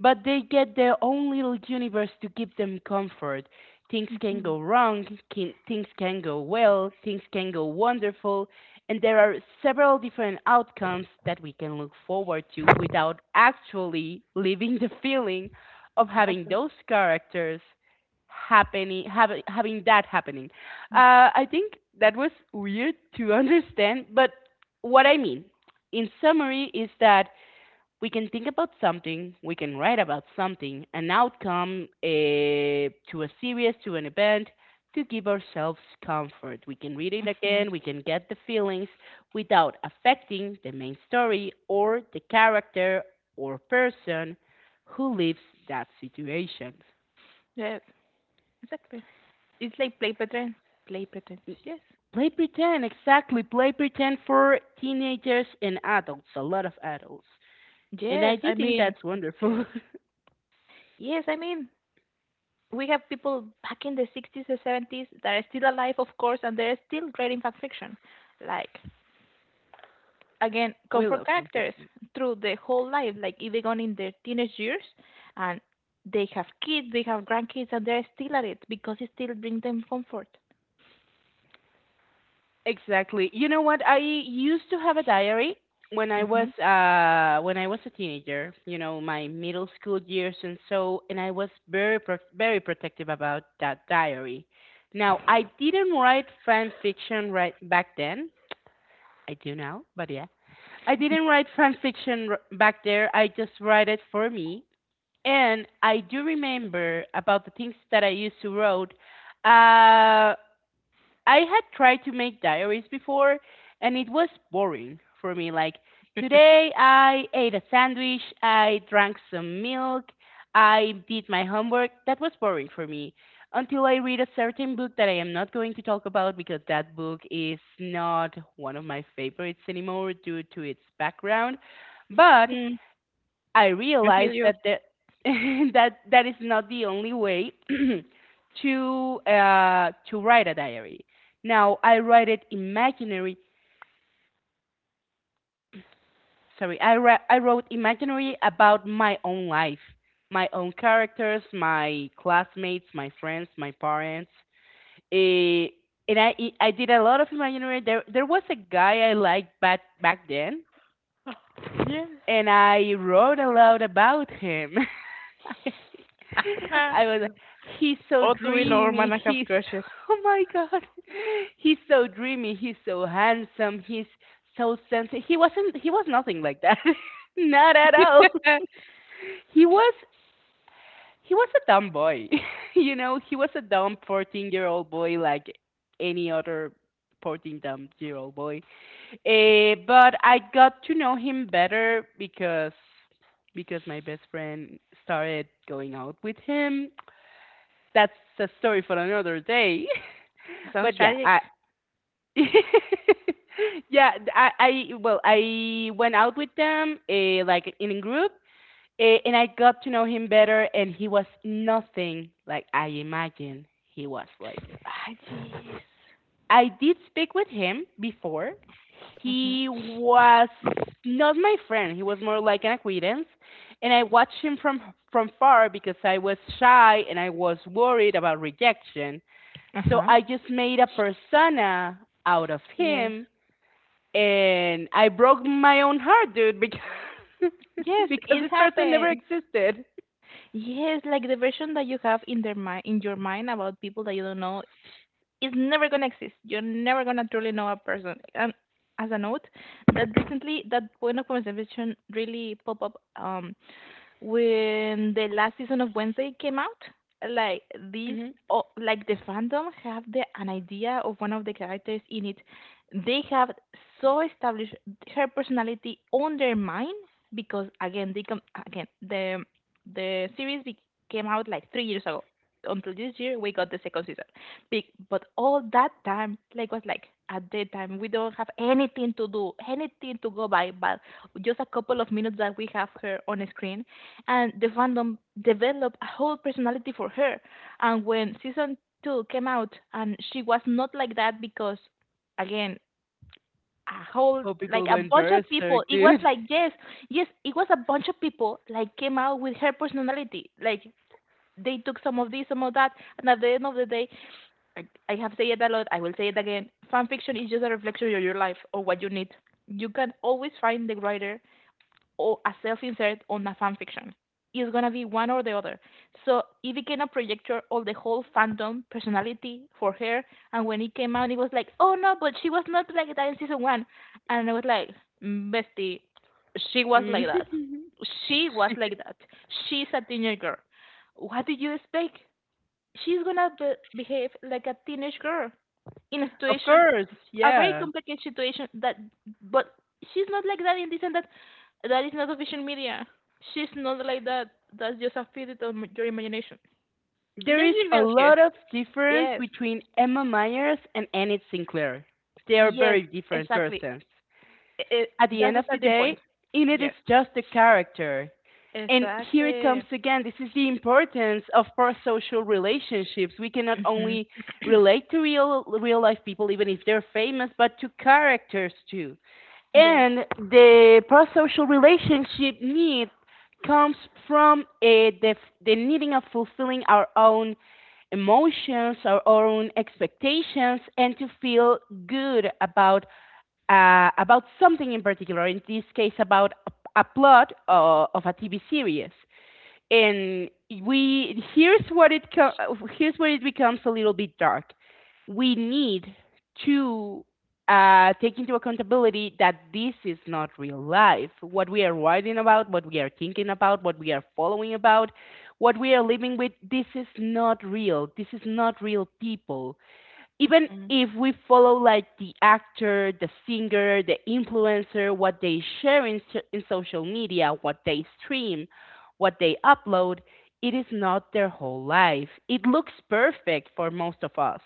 Speaker 1: but they get their own little universe to give them comfort. Things can
Speaker 2: Mhm.
Speaker 1: go wrong, can, things can go well, things can go wonderful, and there are several different outcomes that we can look forward to without actually living the feeling of having
Speaker 2: Exactly.
Speaker 1: those characters happening, having having that happening. Uh, I think that was weird to understand, but what I mean, in summary, is that we can think about something, we can write about something, an outcome uh, to a series, to an event, to give ourselves comfort. We can read it
Speaker 2: Mhm.
Speaker 1: again, we can get the feelings without affecting the main story or the character or person who lives that situation.
Speaker 2: Yes, exactly. It's like play pattern. Play patterns, yes.
Speaker 1: Play pretend, exactly. Play pretend for teenagers and adults, a lot of adults. And I
Speaker 2: Yes,
Speaker 1: do
Speaker 2: I
Speaker 1: think
Speaker 2: mean,
Speaker 1: that's wonderful.
Speaker 2: yes. Yes, I mean, we have people back in the sixties and seventies that are still alive, of course, and they're still writing fan fiction. Like, again,
Speaker 1: we
Speaker 2: comfort
Speaker 1: love
Speaker 2: characters
Speaker 1: unpretend.
Speaker 2: through the whole life, like even on in their teenage years, and they have kids, they have grandkids, and they're still at it because it still brings them comfort.
Speaker 1: Exactly. You know what? I used to have a diary when I was
Speaker 2: Mhm.
Speaker 1: uh when I was a teenager, you know, my middle school years and so and I was very pro- very protective about that diary. Now, I didn't write fan fiction right back then. I do now, but yeah. I didn't write fan fiction r- back there. I just write it for me. And I do remember about the things that I used to wrote. Uh, I had tried to make diaries before and it was boring for me. Like, today I ate a sandwich, I drank some milk, I did my homework. That was boring for me until I read a certain book that I am not going to talk about because that book is not one of my favorites anymore due to its background. But
Speaker 2: Mm,
Speaker 1: I
Speaker 2: I feel
Speaker 1: realized
Speaker 2: you.
Speaker 1: that the, that that is not the only way to uh, to write a diary. Now I write it imaginary. Sorry, I ra- I wrote imaginary about my own life, my own characters, my classmates, my friends, my parents. Eh, and I I did a lot of imaginary. There there was a guy I liked back back then
Speaker 2: Yeah.
Speaker 1: and I wrote aloud about him. I was like, he's so
Speaker 2: Otto in
Speaker 1: dreamy,
Speaker 2: Norman and have
Speaker 1: he's
Speaker 2: crushes.
Speaker 1: oh my god. He's so dreamy, he's so handsome, he's so sensitive. He wasn't he was nothing like that. Not at all. He was he was a dumb boy. you know, he was a dumb fourteen-year-old boy like any other fourteen dumb year old boy. Uh, but I got to know him better because because my best friend started going out with him. That's a story for another day.
Speaker 2: Sounds
Speaker 1: But yeah,
Speaker 2: tragic.
Speaker 1: I yeah, I, I well, I went out with them uh, like in a group, uh, and I got to know him better, and he was nothing like I imagined he was like.
Speaker 2: Ah, jeez.
Speaker 1: I did speak with him before.
Speaker 2: Mhm.
Speaker 1: He was not my friend. He was more like an acquaintance, and I watched him from from far because I was shy and I was worried about rejection.
Speaker 2: Uh
Speaker 1: So
Speaker 2: huh.
Speaker 1: I just made a persona out of
Speaker 2: Yes.
Speaker 1: him, and I broke my own heart, dude, because
Speaker 2: Yes,
Speaker 1: because
Speaker 2: it
Speaker 1: this person never
Speaker 2: happened.
Speaker 1: existed.
Speaker 2: Yes, like the version that you have in their mind, in your mind about people that you don't know, is never gonna exist. You're never gonna truly know a person. And as a note, that recently that point of conversation really pop up. Um, when the last season of Wednesday came out, like this,
Speaker 1: Hmm.
Speaker 2: oh, like the fandom have the an idea of one of the characters in it. They have so established her personality on their mind because again, they come again the the series be- came out like three years ago. Until this year, we got the second season. Be- But all that time, like was like at that time, we don't have anything to do, anything to go by, but just a couple of minutes that we have her on screen and the fandom developed a whole personality for her. And when season two came out, and she was not like that because, again, a whole
Speaker 1: Oh,
Speaker 2: like
Speaker 1: people
Speaker 2: a
Speaker 1: went
Speaker 2: bunch of people.
Speaker 1: berserk,
Speaker 2: It was
Speaker 1: dude.
Speaker 2: like yes, yes, it was a bunch of people like came out with her personality. Like they took some of this, some of that, and at the end of the day, I, I have said it a lot. I will say it again. Fan fiction is just a reflection of your life or what you need. You can always find the writer or a self-insert on a fan fiction. It's gonna be one or the other. So Evie cannot project her all the whole fandom personality for her. And when it came out, it was like, oh no, but she was not like that in season one. And I was like, "Mm, bestie, she was like that.
Speaker 1: Mhm.
Speaker 2: She was like that. She's a teenage girl. What did you expect? She's gonna be- behave like a teenage girl in a
Speaker 1: Of
Speaker 2: situation,
Speaker 1: course,
Speaker 2: a very
Speaker 1: yeah.
Speaker 2: complicated situation. That, but she's not like that in this and that." That is not official media. She's not like that. That's just a figment of m- your imagination.
Speaker 1: There
Speaker 2: Let's
Speaker 1: is
Speaker 2: be
Speaker 1: a
Speaker 2: real here.
Speaker 1: lot of difference
Speaker 2: Yes,
Speaker 1: between Emma Myers and Enid Sinclair. They are
Speaker 2: yes,
Speaker 1: very different
Speaker 2: exactly.
Speaker 1: persons.
Speaker 2: I- I-
Speaker 1: At the
Speaker 2: that's
Speaker 1: end
Speaker 2: the
Speaker 1: of the
Speaker 2: starting point.
Speaker 1: day, Enid is
Speaker 2: Yes,
Speaker 1: just a character. And here it
Speaker 2: exactly.
Speaker 1: comes again. This is the importance of parasocial relationships. We can not
Speaker 2: Hmm.
Speaker 1: only relate to real real life people, even if they're famous, but to characters too.
Speaker 2: Yes.
Speaker 1: And the parasocial relationship need comes from eh, the the needing of fulfilling our own emotions, our own expectations, and to feel good about uh, about something in particular, in this case, about a, a plot uh, of a T V series. And we here's what it here's where it becomes a little bit dark. We need to uh, take into accountability that this is not real life. What we are writing about, what we are thinking about, what we are following about, what we are living with, this is not real. This is not real people even
Speaker 2: Hmm.
Speaker 1: if we follow like the actor, the singer, the influencer, what they share in, so- in social media, what they stream, what they upload, it is not their whole life. It looks perfect for most of us,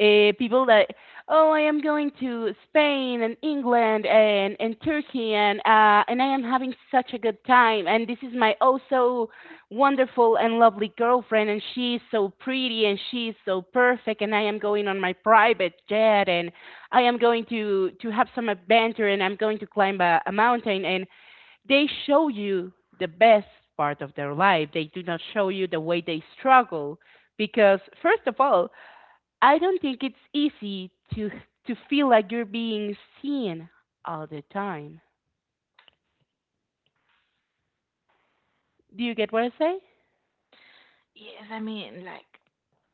Speaker 1: uh, people that, oh, I am going to Spain and England and and Turkey and uh, and I am having such a good time, and this is my, oh, so wonderful and lovely girlfriend, and she's so pretty and she's so perfect, and I am going on my private jet, and I am going to to have some adventure, and I'm going to climb a, a mountain, and they show you the best part of their life. They do not show you the way they struggle because, first of all, I don't think it's easy to to feel like you're being seen all the time. Do you get what I say?
Speaker 2: Yes, I mean, like,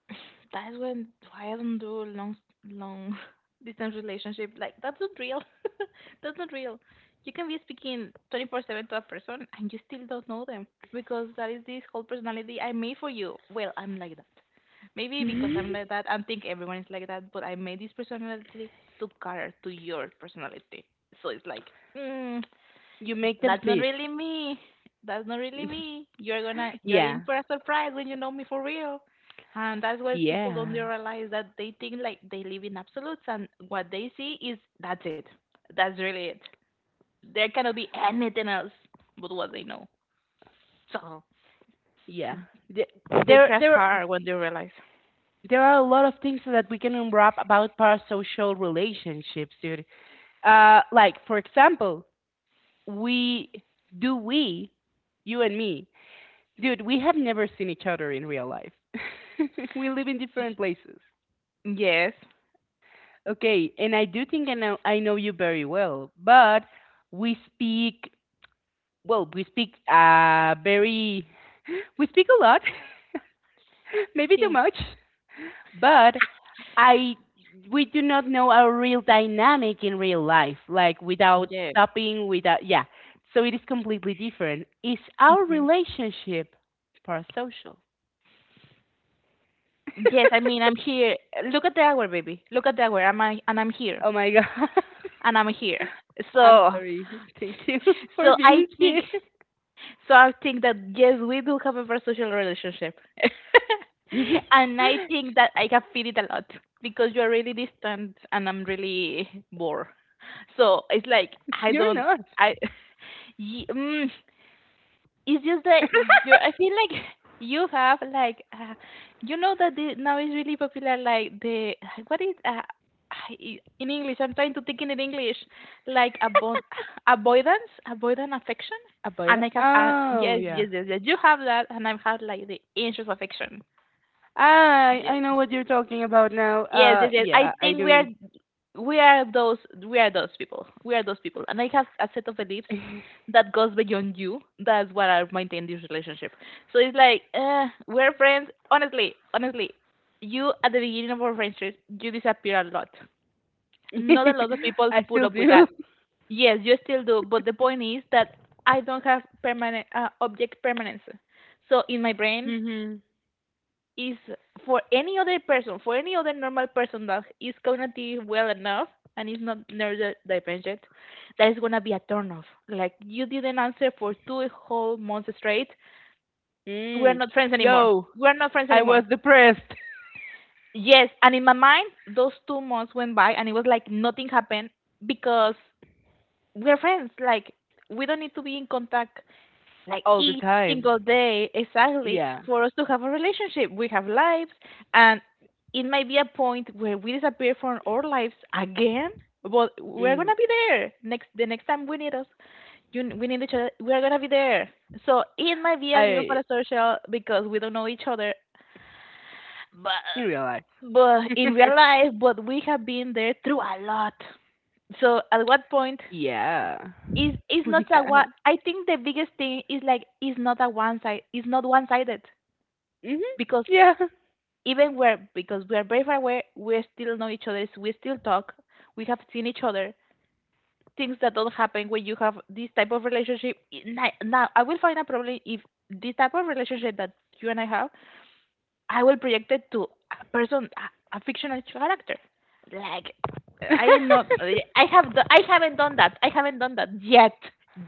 Speaker 2: that's when why I don't do long long distance relationship. Like that's not real. That's not real. You can be speaking twenty four seven to a person and you still don't know them because that is this whole personality I made for you. Well, I'm like that. Maybe because I'm like that I think everyone is like that, but I made this personality to cater to your personality. So it's like, mm,
Speaker 1: You make them
Speaker 2: that's not
Speaker 1: fit.
Speaker 2: really me. That's not really me. You're gonna you're in
Speaker 1: Yeah.
Speaker 2: for a surprise when you know me for real. And that's what people don't
Speaker 1: Yeah.
Speaker 2: realize that they think like they live in absolutes and what they see is that's it. That's really it. There cannot be anything else but what they know. So
Speaker 1: Yeah. The-
Speaker 2: they
Speaker 1: There
Speaker 2: crash
Speaker 1: there
Speaker 2: hard when they realize.
Speaker 1: there are a lot of things that we can unwrap about parasocial relationships, dude. Uh like, for example, we do we, you and me, dude, we have never seen each other in real life. We live in different
Speaker 2: Y-
Speaker 1: places.
Speaker 2: Yes.
Speaker 1: Okay, and I do think I know I know you very well, but we speak, well, we speak uh very we speak a lot, maybe too
Speaker 2: Yes.
Speaker 1: much, but I we do not know our real dynamic in real life, like without
Speaker 2: Yes.
Speaker 1: stopping, without, yeah. So it is completely different. Is our
Speaker 2: Hmm.
Speaker 1: relationship parasocial?
Speaker 2: Yes, I mean I'm here. Look at the hour, baby. Look at the hour. I'm I, and I'm here.
Speaker 1: Oh my god.
Speaker 2: And I'm here.
Speaker 1: I'm
Speaker 2: So
Speaker 1: sorry. Thank you for
Speaker 2: So I
Speaker 1: being
Speaker 2: think,
Speaker 1: here.
Speaker 2: so I think that yes, we do have a parasocial relationship, and I think that I have feel it a lot because you're really distant and I'm really bored. So it's like I
Speaker 1: You're
Speaker 2: don't,
Speaker 1: not.
Speaker 2: I, ye- mm, it's just that you I feel like you have like uh, you know that the, now is really popular like the what is uh, I- in English I'm trying to think in English like abo- avoidance avoidant affection
Speaker 1: About
Speaker 2: and
Speaker 1: it?
Speaker 2: I have uh,
Speaker 1: Oh,
Speaker 2: yes
Speaker 1: yeah.
Speaker 2: yes yes yes you have that and I have like the anxious affection.
Speaker 1: I I know what you're talking about now.
Speaker 2: Yes,
Speaker 1: Uh,
Speaker 2: yes, yes. I
Speaker 1: yeah, I
Speaker 2: think we are
Speaker 1: do.
Speaker 2: we are those we are those people. We are those people. And I have a set of beliefs that goes beyond you. That's what I maintain this relationship. So it's like, uh, we're friends. Honestly, honestly, you at the beginning of our friendship, you disappear a lot. Not a lot of people
Speaker 1: I
Speaker 2: put
Speaker 1: still
Speaker 2: up with
Speaker 1: do.
Speaker 2: that. Yes, you still do, but the point is that I don't have permanent uh, object permanence. So in my brain,
Speaker 1: Mhm.
Speaker 2: is for any other person, for any other normal person that is cognitive well enough and is not neurodivergent, that is gonna be a turnoff. Like you didn't answer for two whole months straight. We're
Speaker 1: Mm.
Speaker 2: not friends anymore.
Speaker 1: Yo,
Speaker 2: We're not friends
Speaker 1: I
Speaker 2: anymore.
Speaker 1: was depressed
Speaker 2: Yes, and in my mind, those two months went by and it was like nothing happened because we're friends. Like we don't need to be in contact like
Speaker 1: all the
Speaker 2: each
Speaker 1: time.
Speaker 2: single day exactly
Speaker 1: Yeah.
Speaker 2: for us to have a relationship. We have lives, and it might be a point where we disappear from our lives again. But we're
Speaker 1: Mm.
Speaker 2: gonna be there next. The next time we need us, you, we need each other. We're gonna be there. So it might be a little
Speaker 1: I
Speaker 2: parasocial because we don't know each other, but
Speaker 1: In real life.
Speaker 2: but in real life, but we have been there through a lot. So at what point
Speaker 1: Yeah.
Speaker 2: is is not
Speaker 1: We
Speaker 2: a one.
Speaker 1: have.
Speaker 2: I think the biggest thing is like it's not a one side. It's not one sided
Speaker 1: Mhm.
Speaker 2: because
Speaker 1: Yeah.
Speaker 2: even where because we are very far away, we still know each other. We still talk. We have seen each other. Things that don't happen when you have this type of relationship. N- I- Now I will find a problem if this type of relationship that you and I have, I will project it to a person, a, a fictional character. Like I not. I have. do- I haven't done that. I haven't done that yet.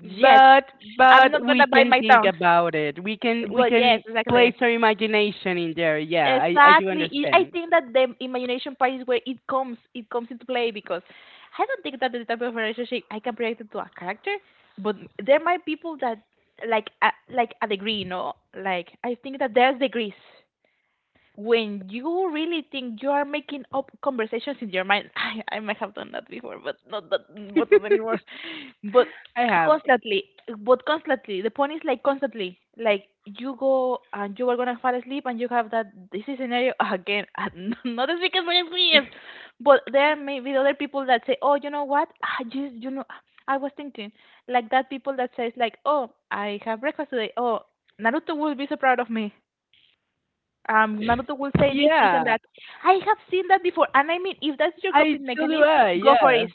Speaker 2: Yet.
Speaker 1: but
Speaker 2: I'm
Speaker 1: but
Speaker 2: not gonna
Speaker 1: we
Speaker 2: bite
Speaker 1: can
Speaker 2: my
Speaker 1: think
Speaker 2: tongue.
Speaker 1: about it. We can we
Speaker 2: But yes,
Speaker 1: can place
Speaker 2: exactly.
Speaker 1: our imagination in there. Yeah, I I do
Speaker 2: Exactly. It- I
Speaker 1: understand.
Speaker 2: think that the imagination part is where it comes it comes into play because I don't think that the type of relationship I can project it to a character, but there might people that like a, like a degree, you know, like I think that there's degrees when you really think you are making up conversations in your mind. I, I might have done that before, but not that, but not anymore. But
Speaker 1: I have.
Speaker 2: constantly, but constantly, the point is like constantly, like you go and you are gonna fall asleep and you have that this is scenario again. And not as big as my experience, but there may be other people that say, oh, you know what? I just, you know, I was thinking like that people that says like, oh, I have breakfast today. Oh, Naruto will be so proud of me um Naruto will say this, this and
Speaker 1: Yeah,
Speaker 2: that. I have seen that before and I mean if that's your
Speaker 1: I
Speaker 2: coping
Speaker 1: so do
Speaker 2: mechanism,
Speaker 1: I,
Speaker 2: go for
Speaker 1: yeah.
Speaker 2: it.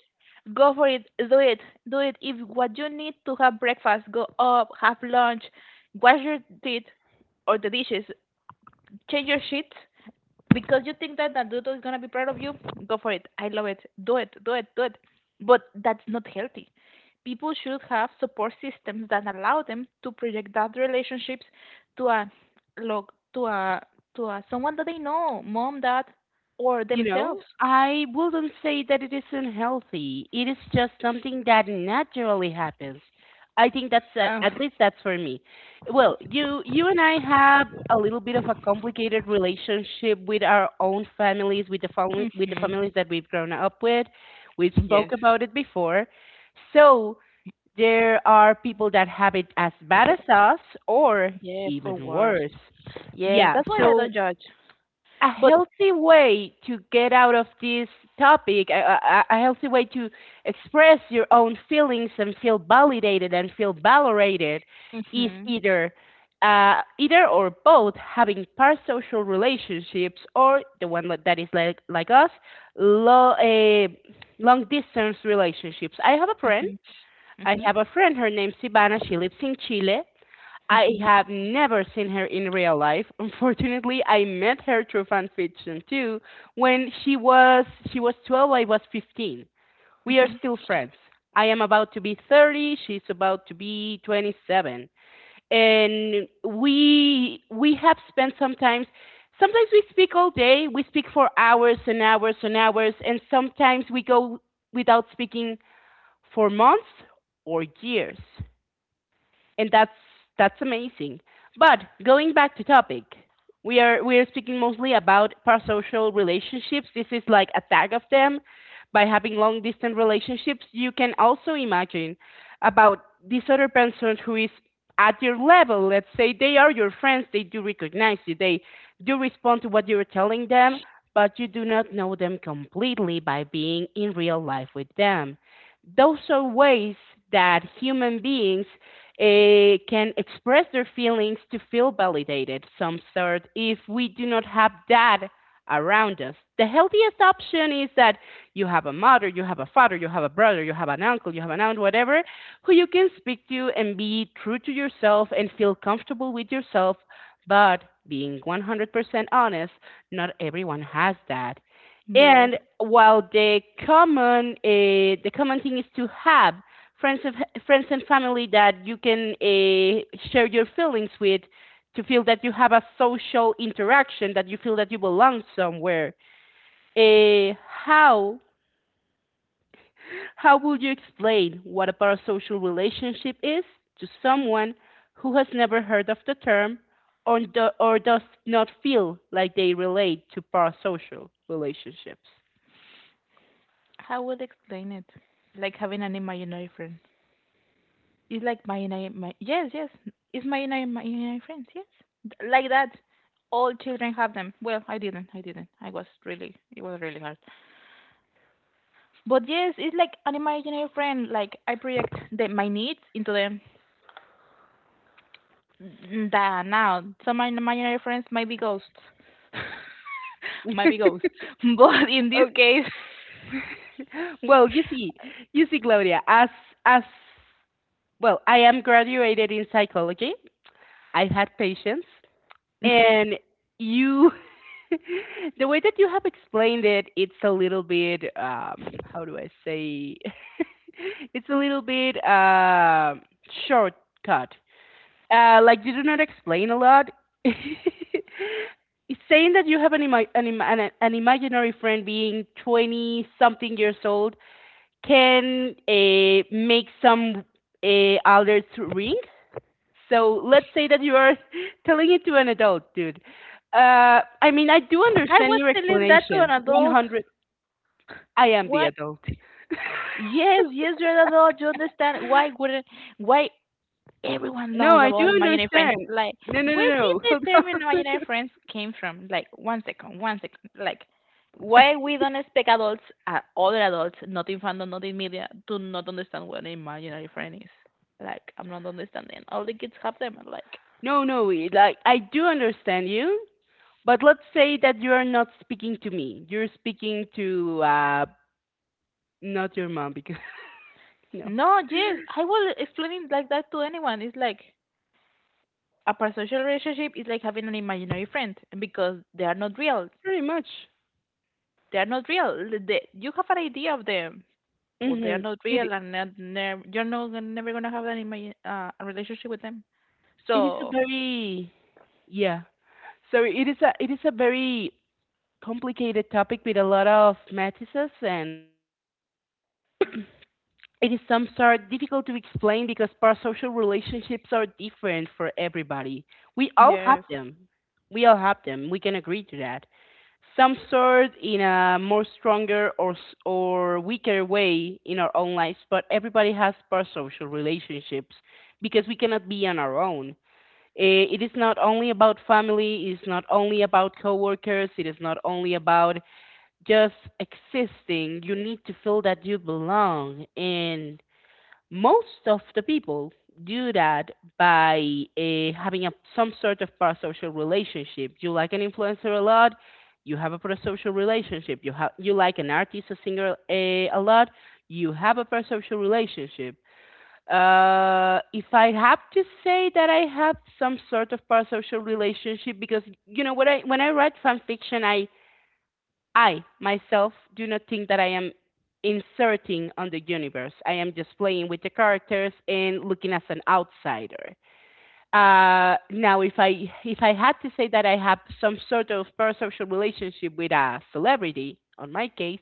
Speaker 2: Go for it. Do it. Do it. If what you need to have breakfast, go up, have lunch, wash your teeth or the dishes, change your sheets, because you think that Naruto is gonna be proud of you, go for it. I love it. Do it, do it, do it. But that's not healthy. People should have support systems that allow them to project that relationships to a look to a to a someone that they know, mom, dad, or
Speaker 1: You
Speaker 2: themselves.
Speaker 1: know, I wouldn't say that it is unhealthy. It is just something that naturally happens. I think that's at,
Speaker 2: Uh,
Speaker 1: at least that's for me. Well, you you and I have a little bit of a complicated relationship with our own families, with the family with the families that we've grown up with. We spoke
Speaker 2: yes,
Speaker 1: about it before. So there are people that have it as bad as us, or
Speaker 2: yes, or
Speaker 1: even
Speaker 2: worse.
Speaker 1: worse.
Speaker 2: Yes,
Speaker 1: Yeah,
Speaker 2: that's why I
Speaker 1: so
Speaker 2: don't judge.
Speaker 1: a
Speaker 2: But
Speaker 1: healthy way to get out of this topic, a, a, a healthy way to express your own feelings and feel validated and feel valorated is
Speaker 2: Mhm,
Speaker 1: either, uh, either or both, having parasocial relationships or the one that that is like like us, lo, uh, long distance relationships. I have a friend.
Speaker 2: mhm,
Speaker 1: I
Speaker 2: mhm,
Speaker 1: have a friend. Her name's Ivana. She lives in Chile. I
Speaker 2: mhm,
Speaker 1: have never seen her in real life. Unfortunately, I met her through fan fiction too. When she was she was twelve, I was fifteen. We are
Speaker 2: mhm.
Speaker 1: still friends. I am about to be thirty, she's about to be twenty-seven. And we we have spent sometimes sometimes we speak all day, we speak for hours and hours and hours, and sometimes we go without speaking for months or years, and that's that's amazing. But going back to topic, we are we are speaking mostly about parasocial relationships. This is like a tag of them. By having long distance relationships, you can also imagine about this other person who is at your level. Let's say they are your friends, they do recognize you, they do respond to what you're telling them, but you do not know them completely by being in real life with them. Those are ways that human beings, uh, can express their feelings to feel validated some sort if we do not have that around us. The healthiest option is that you have a mother, you have a father, you have a brother, you have an uncle, you have an aunt, whatever, who you can speak to and be true to yourself and feel comfortable with yourself. But being one hundred percent honest, not everyone has that.
Speaker 2: Yes,
Speaker 1: And while the common uh, the common thing is to have friends and friends and family that you can, uh, share your feelings with to feel that you have a social interaction, that you feel that you belong somewhere. Uh, how how would you explain what a parasocial relationship is to someone who has never heard of the term, or, do, or does not feel like they relate to parasocial relationships?
Speaker 2: I would explain it like having an imaginary friend. It's like my and I, my yes, yes. It's my and I, my and I friends. Yes, Th- like that. All children have them. Well, I didn't. I didn't. I was really. It was really hard. But yes, it's like an imaginary friend. Like I project the, my needs into them. N- Da Now, some my imaginary friends might be ghosts. Might be ghosts. But in this
Speaker 1: Oh,
Speaker 2: case,
Speaker 1: well, you see, you see, Claudia, as as well, I am graduated in psychology. I had patience, and you, the way that you have explained it, it's a little bit, um, how do I say, it's a little bit, uh, shortcut. Uh, like, you do not explain a lot. It's saying that you have an, ima- an, ima- an, an imaginary friend being twenty something years old can, uh, make some, uh, alerts ring, so let's say that you are telling it to an adult, dude. Uh, I mean, I do
Speaker 2: I
Speaker 1: understand
Speaker 2: was
Speaker 1: your
Speaker 2: telling that to an
Speaker 1: explanation.
Speaker 2: adult.
Speaker 1: one hundred. I am the
Speaker 2: Why?
Speaker 1: adult.
Speaker 2: Yes, yes, you're an adult. You understand. Why wouldn't? Why Everyone
Speaker 1: No,
Speaker 2: knows
Speaker 1: I do
Speaker 2: about imaginary friends.
Speaker 1: understand.
Speaker 2: Like,
Speaker 1: No, no, no,
Speaker 2: where did
Speaker 1: no.
Speaker 2: the
Speaker 1: Hold
Speaker 2: term
Speaker 1: on.
Speaker 2: imaginary friends came from? Like, one second, one second. Like, why we don't expect adults, uh, other adults, not in fandom, not in media, do not understand what an imaginary friend is. Like, I'm not understanding. All the kids have them. And like,
Speaker 1: No, no, we- like, I do understand you, but let's say that you are not speaking to me. You're speaking to, uh not your mom, because no,
Speaker 2: no, yes, I will explain it like that to anyone. It's like a parasocial relationship is like having an imaginary friend because they are not real.
Speaker 1: pretty much.
Speaker 2: They are not real. They, you have an idea of them, but they are
Speaker 1: Mhm.
Speaker 2: not
Speaker 1: It
Speaker 2: real, and not, nev- you're not gon- never gonna have an imagine, uh, a relationship with them.
Speaker 1: it is a
Speaker 2: So
Speaker 1: very, yeah. Sorry, it is a it is a very complicated topic with a lot of matices, and it is some sort difficult to explain because parasocial relationships are different for everybody. We all have
Speaker 2: yes,
Speaker 1: them. We all have them. We can agree to that. Some sort in a more stronger or s- or weaker way in our own lives, but everybody has parasocial relationships because we cannot be on our own. Eh, It is not only about family. It is not only about coworkers. It is not only about just existing. You need to feel that you belong. And most of the people do that by, uh, having a, some sort of parasocial relationship. You like an influencer a lot, you have a parasocial relationship. You, have you like an artist, a singer, uh, a lot, you have a parasocial relationship. Uh, if I have to say that I have some sort of parasocial relationship, because you know, when I when I write fan fiction, I I, myself, do not think that I am inserting on the universe. I am just playing with the characters and looking as an outsider. Uh, now, if I if I had to say that I have some sort of parasocial relationship with a celebrity, on my case,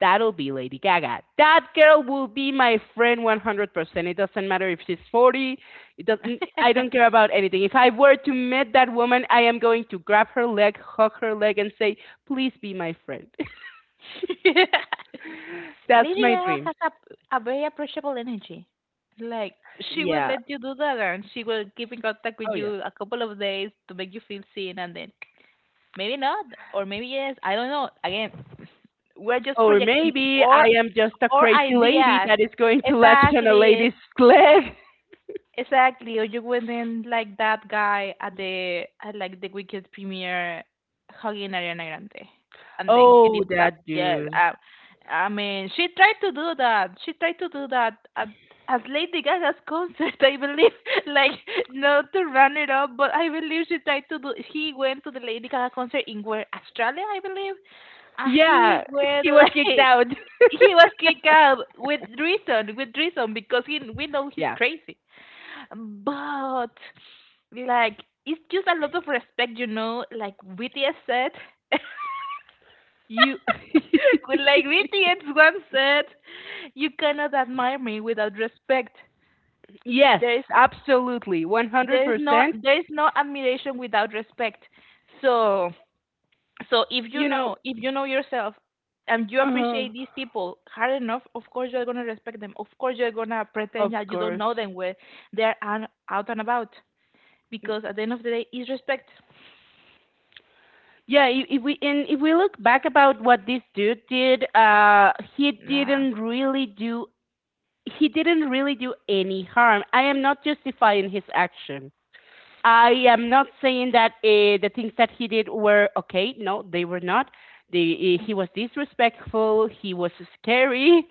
Speaker 1: that'll be Lady Gaga. That girl will be my friend one hundred percent. It doesn't matter if she's forty. It doesn't. I don't care about anything. If I were to meet that woman, I am going to grab her leg, hug her leg, and say, "Please be my friend." That's
Speaker 2: Lady
Speaker 1: my
Speaker 2: Gaga
Speaker 1: dream.
Speaker 2: has a, a very approachable energy. Like she will
Speaker 1: Yeah.
Speaker 2: let you do that, and she will keep in contact
Speaker 1: Oh,
Speaker 2: with
Speaker 1: yeah.
Speaker 2: you a couple of days to make you feel seen, and then maybe not, or maybe yes. I don't know. Again, we're just
Speaker 1: Or
Speaker 2: projecting
Speaker 1: maybe I
Speaker 2: our
Speaker 1: am just a
Speaker 2: our
Speaker 1: crazy lady
Speaker 2: ideas.
Speaker 1: that is going to latch on a
Speaker 2: Exactly.
Speaker 1: lady's leg.
Speaker 2: Exactly, or you wouldn't like that guy at the at like the weekend premiere hugging Ariana Grande and then
Speaker 1: Oh,
Speaker 2: getting sucked.
Speaker 1: that
Speaker 2: Yes,
Speaker 1: dude.
Speaker 2: I, I mean she tried to do that. She tried to do that at at Lady Gaga's concert, I believe. Like not to run it up, but I believe she tried to do. He went to the Lady Gaga concert in where Australia, I believe, and
Speaker 1: Yeah,
Speaker 2: he went
Speaker 1: he was
Speaker 2: like.
Speaker 1: kicked out.
Speaker 2: He was kicked out with reason, with reason, because he we know he's
Speaker 1: Yeah.
Speaker 2: crazy. But like it's just a lot of respect, you know, like B T S said.
Speaker 1: You.
Speaker 2: With like B T S once said, you cannot admire me without respect.
Speaker 1: Yes,
Speaker 2: There is
Speaker 1: absolutely.
Speaker 2: there is no
Speaker 1: one hundred percent.
Speaker 2: there is no admiration without respect. So so if you
Speaker 1: You know,
Speaker 2: know if you know yourself and you
Speaker 1: uh,
Speaker 2: appreciate these people hard enough, of course you're gonna respect them. Of course you're gonna
Speaker 1: of
Speaker 2: pretend that you don't
Speaker 1: course.
Speaker 2: know them where they're an- out and about because at the end of the day it's respect.
Speaker 1: Yeah, i- if we and if we look back about what this dude did, uh, he
Speaker 2: Nah.
Speaker 1: didn't really do he didn't really do any harm. I am not justifying his action. I am not saying that, uh, the things that he did were okay. No, they were not. The, uh, he was disrespectful. He was scary,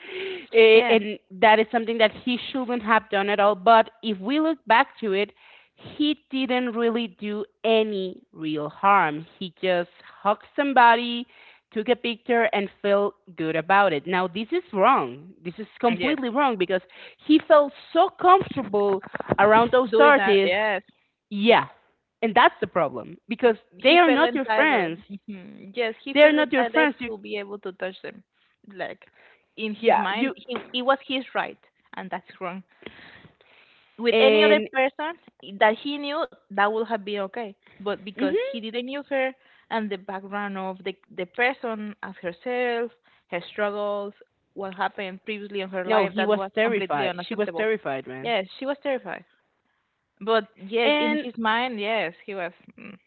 Speaker 1: eh,
Speaker 2: Yes.
Speaker 1: and that is something that he shouldn't have done at all. But if we look back to it, he didn't really do any real harm. He just hugged somebody, took a picture, and felt good about it. Now, this is wrong. This is
Speaker 2: Yes.
Speaker 1: completely wrong because he felt so comfortable around those
Speaker 2: Doing that.
Speaker 1: artists,
Speaker 2: Yes.
Speaker 1: yeah, and that's the problem because
Speaker 2: He
Speaker 1: they are
Speaker 2: felt
Speaker 1: not your
Speaker 2: entitled.
Speaker 1: friends.
Speaker 2: Hmm, yes, he
Speaker 1: They are
Speaker 2: felt
Speaker 1: not your
Speaker 2: entitled
Speaker 1: friends. You.
Speaker 2: to be able to touch them. Like in his
Speaker 1: Yeah.
Speaker 2: mind,
Speaker 1: You
Speaker 2: he it was his right, and that's wrong. With any other
Speaker 1: and.
Speaker 2: person that he knew, that would have been okay. But because
Speaker 1: Hmm.
Speaker 2: he didn't knew her and the background of the the person as herself, her struggles, what happened previously in her
Speaker 1: No,
Speaker 2: life,
Speaker 1: he
Speaker 2: that
Speaker 1: was
Speaker 2: was completely
Speaker 1: terrified. She was
Speaker 2: unacceptable.
Speaker 1: terrified, man.
Speaker 2: Yes, she was terrified. But yes, in
Speaker 1: And
Speaker 2: his mind, yes, he was mm,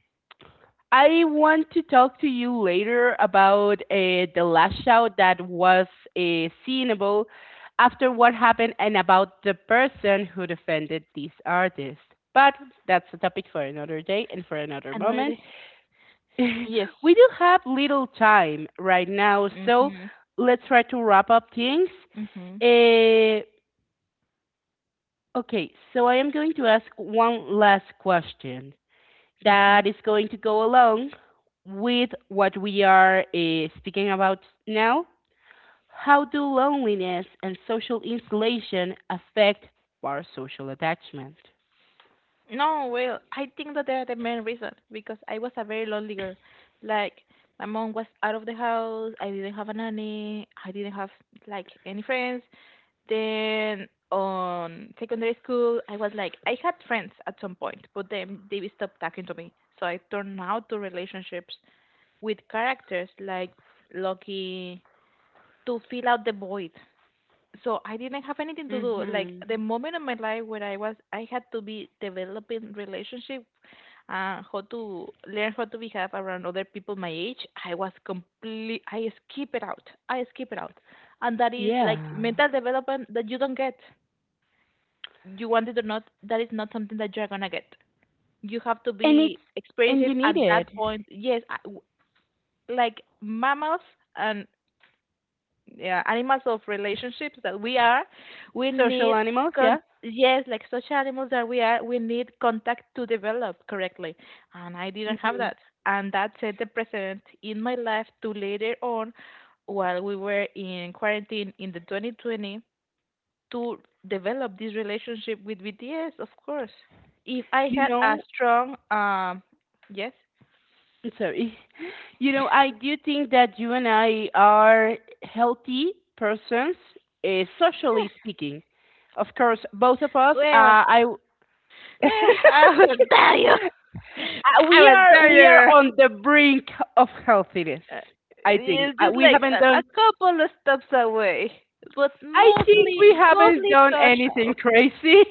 Speaker 1: I want to talk to you later about, uh, the lash out that was, uh, seenable after what happened and about the person who defended this artist. But that's a topic for another day and for another
Speaker 2: another
Speaker 1: moment.
Speaker 2: day. Yes.
Speaker 1: We do have little time right now, so
Speaker 2: Mhm.
Speaker 1: let's try to wrap up things.
Speaker 2: Mhm.
Speaker 1: Eh, okay, so I am going to ask one last question that
Speaker 2: Mhm.
Speaker 1: is going to go along with what we are, eh, speaking about now. How do loneliness and social isolation affect our social attachment?
Speaker 2: No, well, I think that they're the main reason because I was a very lonely girl. Like my mom was out of the house. I didn't have a nanny. I didn't have like any friends. Then on secondary school, I was like I had friends at some point, but then they stopped talking to me. So I turned out to relationships with characters like Loki to fill out the void. So I didn't have anything to do. Like the
Speaker 1: Mm-hmm.
Speaker 2: moment in my life where I was, I had to be developing relationship, uh, how to learn how to behave around other people my age. I was complete. I skip it out. I skip it out, and that is like
Speaker 1: Yeah.
Speaker 2: mental development that you don't get. You want it or not, that is not something that you're gonna get. You have to
Speaker 1: And
Speaker 2: be
Speaker 1: it's
Speaker 2: experience
Speaker 1: and you
Speaker 2: it at
Speaker 1: need
Speaker 2: that
Speaker 1: it.
Speaker 2: point. Yes, I, w- like mammals and yeah animals of relationships that we are we
Speaker 1: Social
Speaker 2: need
Speaker 1: animals, yeah.
Speaker 2: con- yes like such animals that we are we need contact to develop correctly, and I didn't have
Speaker 1: Mhm.
Speaker 2: that, and that set the precedent in my life to later on while we were in quarantine in the twenty twenty to develop this relationship with BTS. Of course, if I
Speaker 1: You
Speaker 2: had a
Speaker 1: know,
Speaker 2: strong um yes,
Speaker 1: I'm sorry. You know, I do think that you and I are healthy persons, uh, socially speaking. Of course, both of us, uh,
Speaker 2: well.
Speaker 1: I, uh,
Speaker 2: I will tell you. I
Speaker 1: we
Speaker 2: will
Speaker 1: are
Speaker 2: tell you,
Speaker 1: we are
Speaker 2: girl.
Speaker 1: on the brink of healthiness.
Speaker 2: uh,
Speaker 1: I think
Speaker 2: it's
Speaker 1: uh,
Speaker 2: just
Speaker 1: we
Speaker 2: like
Speaker 1: haven't
Speaker 2: a, a
Speaker 1: done.
Speaker 2: couple of steps away, but
Speaker 1: I think
Speaker 2: mostly
Speaker 1: we haven't
Speaker 2: mostly
Speaker 1: done anything
Speaker 2: social.
Speaker 1: crazy.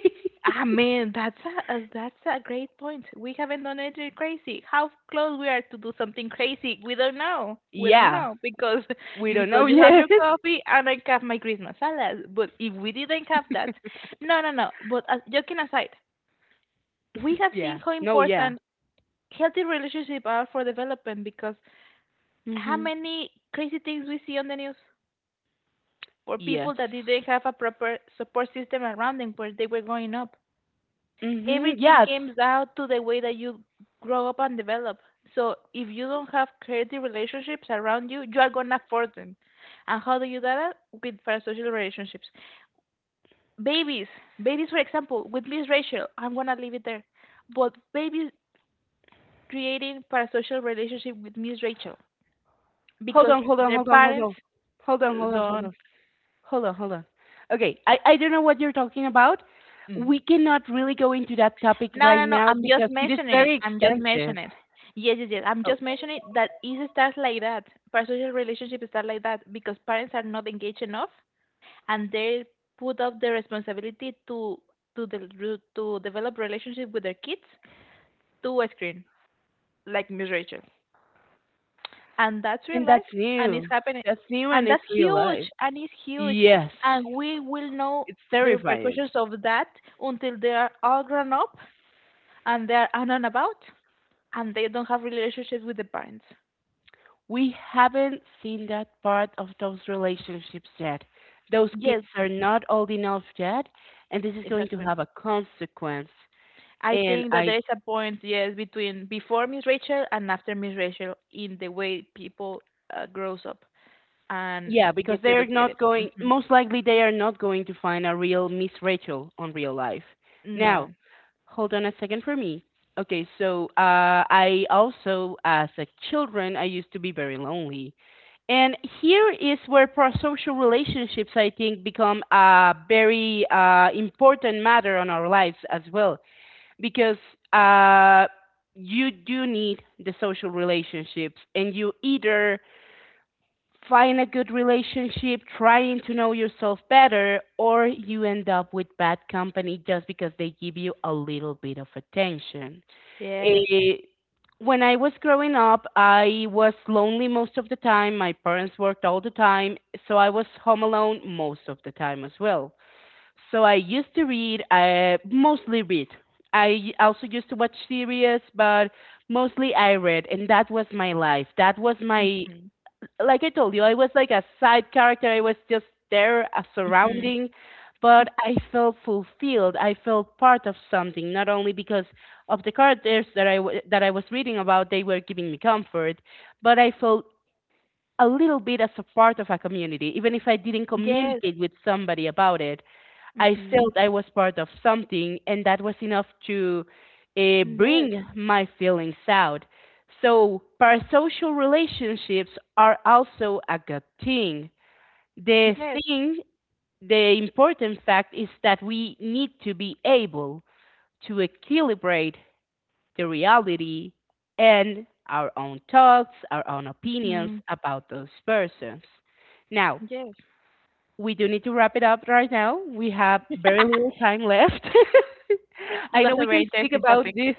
Speaker 2: I mean, that's a uh, that's a great point. We haven't done anything crazy. How close we are to do something crazy? We don't know. We don't
Speaker 1: Yeah,
Speaker 2: know because
Speaker 1: we
Speaker 2: you
Speaker 1: don't know
Speaker 2: because you have
Speaker 1: yet.
Speaker 2: your coffee and I have my Christmas salad. But if we didn't have that, no, no, no. But uh, joking aside, we have seen
Speaker 1: Yeah,
Speaker 2: how
Speaker 1: no, yeah.
Speaker 2: important healthy relationships are for development because how
Speaker 1: Mhm.
Speaker 2: many crazy things we see on the news for people
Speaker 1: Yes.
Speaker 2: that didn't have a proper support system around them where they were growing up.
Speaker 1: Mm-hmm.
Speaker 2: Everything
Speaker 1: Yeah,
Speaker 2: comes out to the way that you grow up and develop. So if you don't have creative relationships around you, you are gonna force them. And how do you do that? With parasocial relationships. Babies, babies, for example, with Miss Rachel, I'm gonna leave it there. But babies creating parasocial relationship with Miss Rachel
Speaker 1: hold
Speaker 2: because
Speaker 1: on, hold on,
Speaker 2: their
Speaker 1: hold on, hold
Speaker 2: parents
Speaker 1: on. Hold on, hold on, hold
Speaker 2: don't.
Speaker 1: on. Hold on, hold on. Okay, I, I don't know what you're talking about.
Speaker 2: Mm,
Speaker 1: We cannot really go into that topic
Speaker 2: no,
Speaker 1: right
Speaker 2: no, no.
Speaker 1: now
Speaker 2: I'm just
Speaker 1: because it is
Speaker 2: mentioning it.
Speaker 1: very
Speaker 2: I'm just
Speaker 1: extensive.
Speaker 2: mentioning it. Yes, yes, yes. I'm
Speaker 1: Oh,
Speaker 2: just mentioning that it starts like that. Parasocial relationships start like that because parents are not engaged enough, and they put up the responsibility to to the to develop relationship with their kids to a screen, like Miss Rachel. And that's real
Speaker 1: and that's
Speaker 2: life, and it's
Speaker 1: new.
Speaker 2: happening,
Speaker 1: That's new,
Speaker 2: and
Speaker 1: and it's
Speaker 2: that's
Speaker 1: real
Speaker 2: huge,
Speaker 1: life.
Speaker 2: and it's huge,
Speaker 1: Yes,
Speaker 2: and we will know
Speaker 1: it's
Speaker 2: the
Speaker 1: terrifying.
Speaker 2: repercussions of that until they are all grown up and they are on and about. And they don't have relationships with the parents.
Speaker 1: We haven't seen that part of those relationships yet. Those kids
Speaker 2: Yes,
Speaker 1: are not old enough yet, and this is going to
Speaker 2: exactly.
Speaker 1: have a consequence.
Speaker 2: I
Speaker 1: And
Speaker 2: think that
Speaker 1: I
Speaker 2: there is a point, yes, between before Miss Rachel and after Miss Rachel in the way people uh, grows up and
Speaker 1: Yeah, because
Speaker 2: gets
Speaker 1: they're
Speaker 2: educated.
Speaker 1: not going,
Speaker 2: Hmm.
Speaker 1: most likely they are not going to find a real Miss Rachel on real life. Now,
Speaker 2: No.
Speaker 1: hold on a second for me. Okay, so, uh, I also, as a children, I used to be very lonely. And here is where parasocial relationships, I think, become a very, uh, important matter on our lives as well, because, uh, you do need the social relationships, and you either find a good relationship, trying to know yourself better, or you end up with bad company just because they give you a little bit of attention.
Speaker 2: Yes.
Speaker 1: Eh, when I was growing up, I was lonely most of the time. My parents worked all the time, so I was home alone most of the time as well. So I used to read, I mostly read. I also used to watch series, but mostly I read, and that was my life. That was
Speaker 2: Hmm.
Speaker 1: my Like I told you, I was like a side character. I was just there, a
Speaker 2: Hmm.
Speaker 1: surrounding, but I felt fulfilled. I felt part of something, not only because of the characters that I w- that I was reading about, they were giving me comfort, but I felt a little bit as a part of a community, even if I didn't
Speaker 2: Yes.
Speaker 1: communicate with somebody about it. I
Speaker 2: Hmm.
Speaker 1: felt I was part of something, and that was enough to, uh,
Speaker 2: Yes.
Speaker 1: bring my feelings out. So, parasocial relationships are also a good thing. The
Speaker 2: Yes.
Speaker 1: thing, the important fact is that we need to be able to equilibrate the reality and our own thoughts, our own opinions
Speaker 2: Hmm.
Speaker 1: about those persons. Now,
Speaker 2: Yes.
Speaker 1: we do need to wrap it up right now. We have very little time left.
Speaker 2: It
Speaker 1: I
Speaker 2: was
Speaker 1: know
Speaker 2: a
Speaker 1: we can
Speaker 2: very
Speaker 1: speak
Speaker 2: interesting
Speaker 1: about
Speaker 2: topic.
Speaker 1: this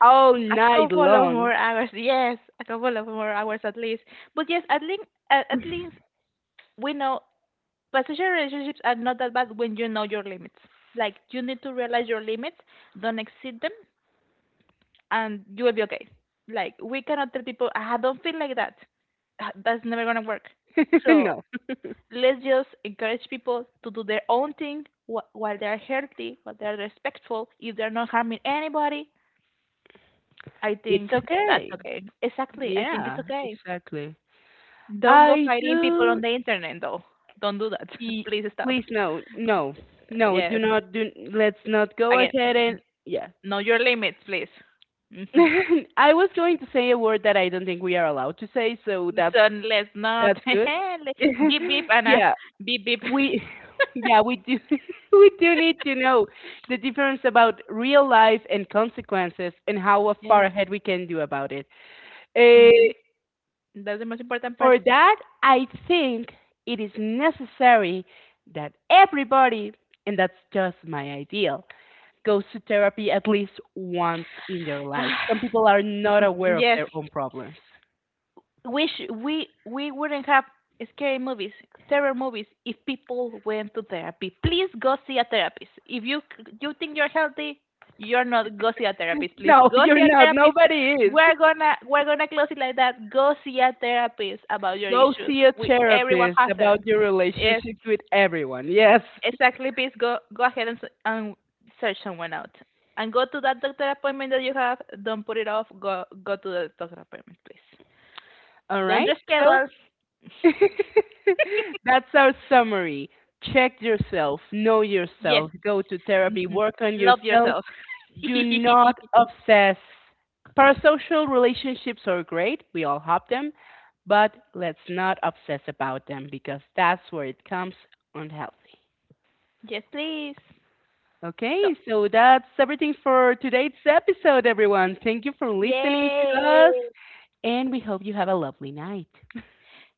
Speaker 1: all
Speaker 2: A
Speaker 1: night
Speaker 2: couple of
Speaker 1: long.
Speaker 2: more hours. Yes, a couple of more hours at least. But yes, at least at least we know passionate relationships are not that bad when you know your limits. Like you need to realize your limits, don't exceed them, and you will be okay. Like we cannot tell people, I don't feel like that. Ah, that's never gonna work. So
Speaker 1: No,
Speaker 2: let's just encourage people to do their own thing wh- while they're healthy, while they're respectful. If they're not harming anybody, I
Speaker 1: it's
Speaker 2: think that's
Speaker 1: okay.
Speaker 2: okay. Exactly, I think it's
Speaker 1: Yeah,
Speaker 2: okay.
Speaker 1: exactly.
Speaker 2: Don't go
Speaker 1: I
Speaker 2: fighting people on
Speaker 1: do.
Speaker 2: the internet though. Don't do that.
Speaker 1: y-
Speaker 2: Please stop.
Speaker 1: Please, no, no, no. Do
Speaker 2: Yes,
Speaker 1: not do. Let's not go
Speaker 2: again.
Speaker 1: ahead and, yeah.
Speaker 2: Know your limits, please. Mhm.
Speaker 1: I was going to say a word that I don't think we are allowed to say, so that's
Speaker 2: So let's not
Speaker 1: that's good.
Speaker 2: le- beep beep and uh,
Speaker 1: Yeah,
Speaker 2: beep beep.
Speaker 1: we yeah, we do we do need to know the difference about real life and consequences and how far
Speaker 2: Yes.
Speaker 1: ahead we can do about it, uh,
Speaker 2: hmm That's the most important part.
Speaker 1: for that I think it is necessary that everybody, and that's just my ideal, goes to therapy at least once in their life. Some people are not aware of
Speaker 2: Yes.
Speaker 1: their own problems.
Speaker 2: we sh- we we wouldn't have scary movies, terror movies if people went to therapy. Please go see a therapist. If you you think you're healthy, you're not. Go see a therapist, please.
Speaker 1: No.
Speaker 2: Go see
Speaker 1: You're
Speaker 2: a
Speaker 1: not.
Speaker 2: therapist.
Speaker 1: Nobody is.
Speaker 2: We're gonna we're gonna close it like that. Go see a therapist about your
Speaker 1: Go
Speaker 2: issues.
Speaker 1: see a
Speaker 2: We everyone
Speaker 1: therapist
Speaker 2: has them.
Speaker 1: about your
Speaker 2: Yes,
Speaker 1: relationships with everyone. Yes.
Speaker 2: exactly. Please go go ahead and s- and search someone out. And go to that doctor appointment that you have. Don't put it off. Go go to the doctor appointment, please.
Speaker 1: All
Speaker 2: Don't
Speaker 1: right. So,
Speaker 2: reschedule.
Speaker 1: that's our summary. Check yourself, know
Speaker 2: Yes.
Speaker 1: yourself, go to therapy,
Speaker 2: Mhm.
Speaker 1: work on
Speaker 2: Love
Speaker 1: yourself.
Speaker 2: yourself.
Speaker 1: Do not obsess. Parasocial relationships are great. We all have them. But let's not obsess about them because that's where it comes unhealthy.
Speaker 2: Yes, please. So,
Speaker 1: Okay, so that's everything for today's episode, everyone. Thank you for listening to
Speaker 2: yay!
Speaker 1: us, and we hope you have a lovely night.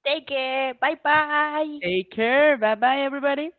Speaker 2: Take care. Bye bye.
Speaker 1: Take care. Bye bye, everybody.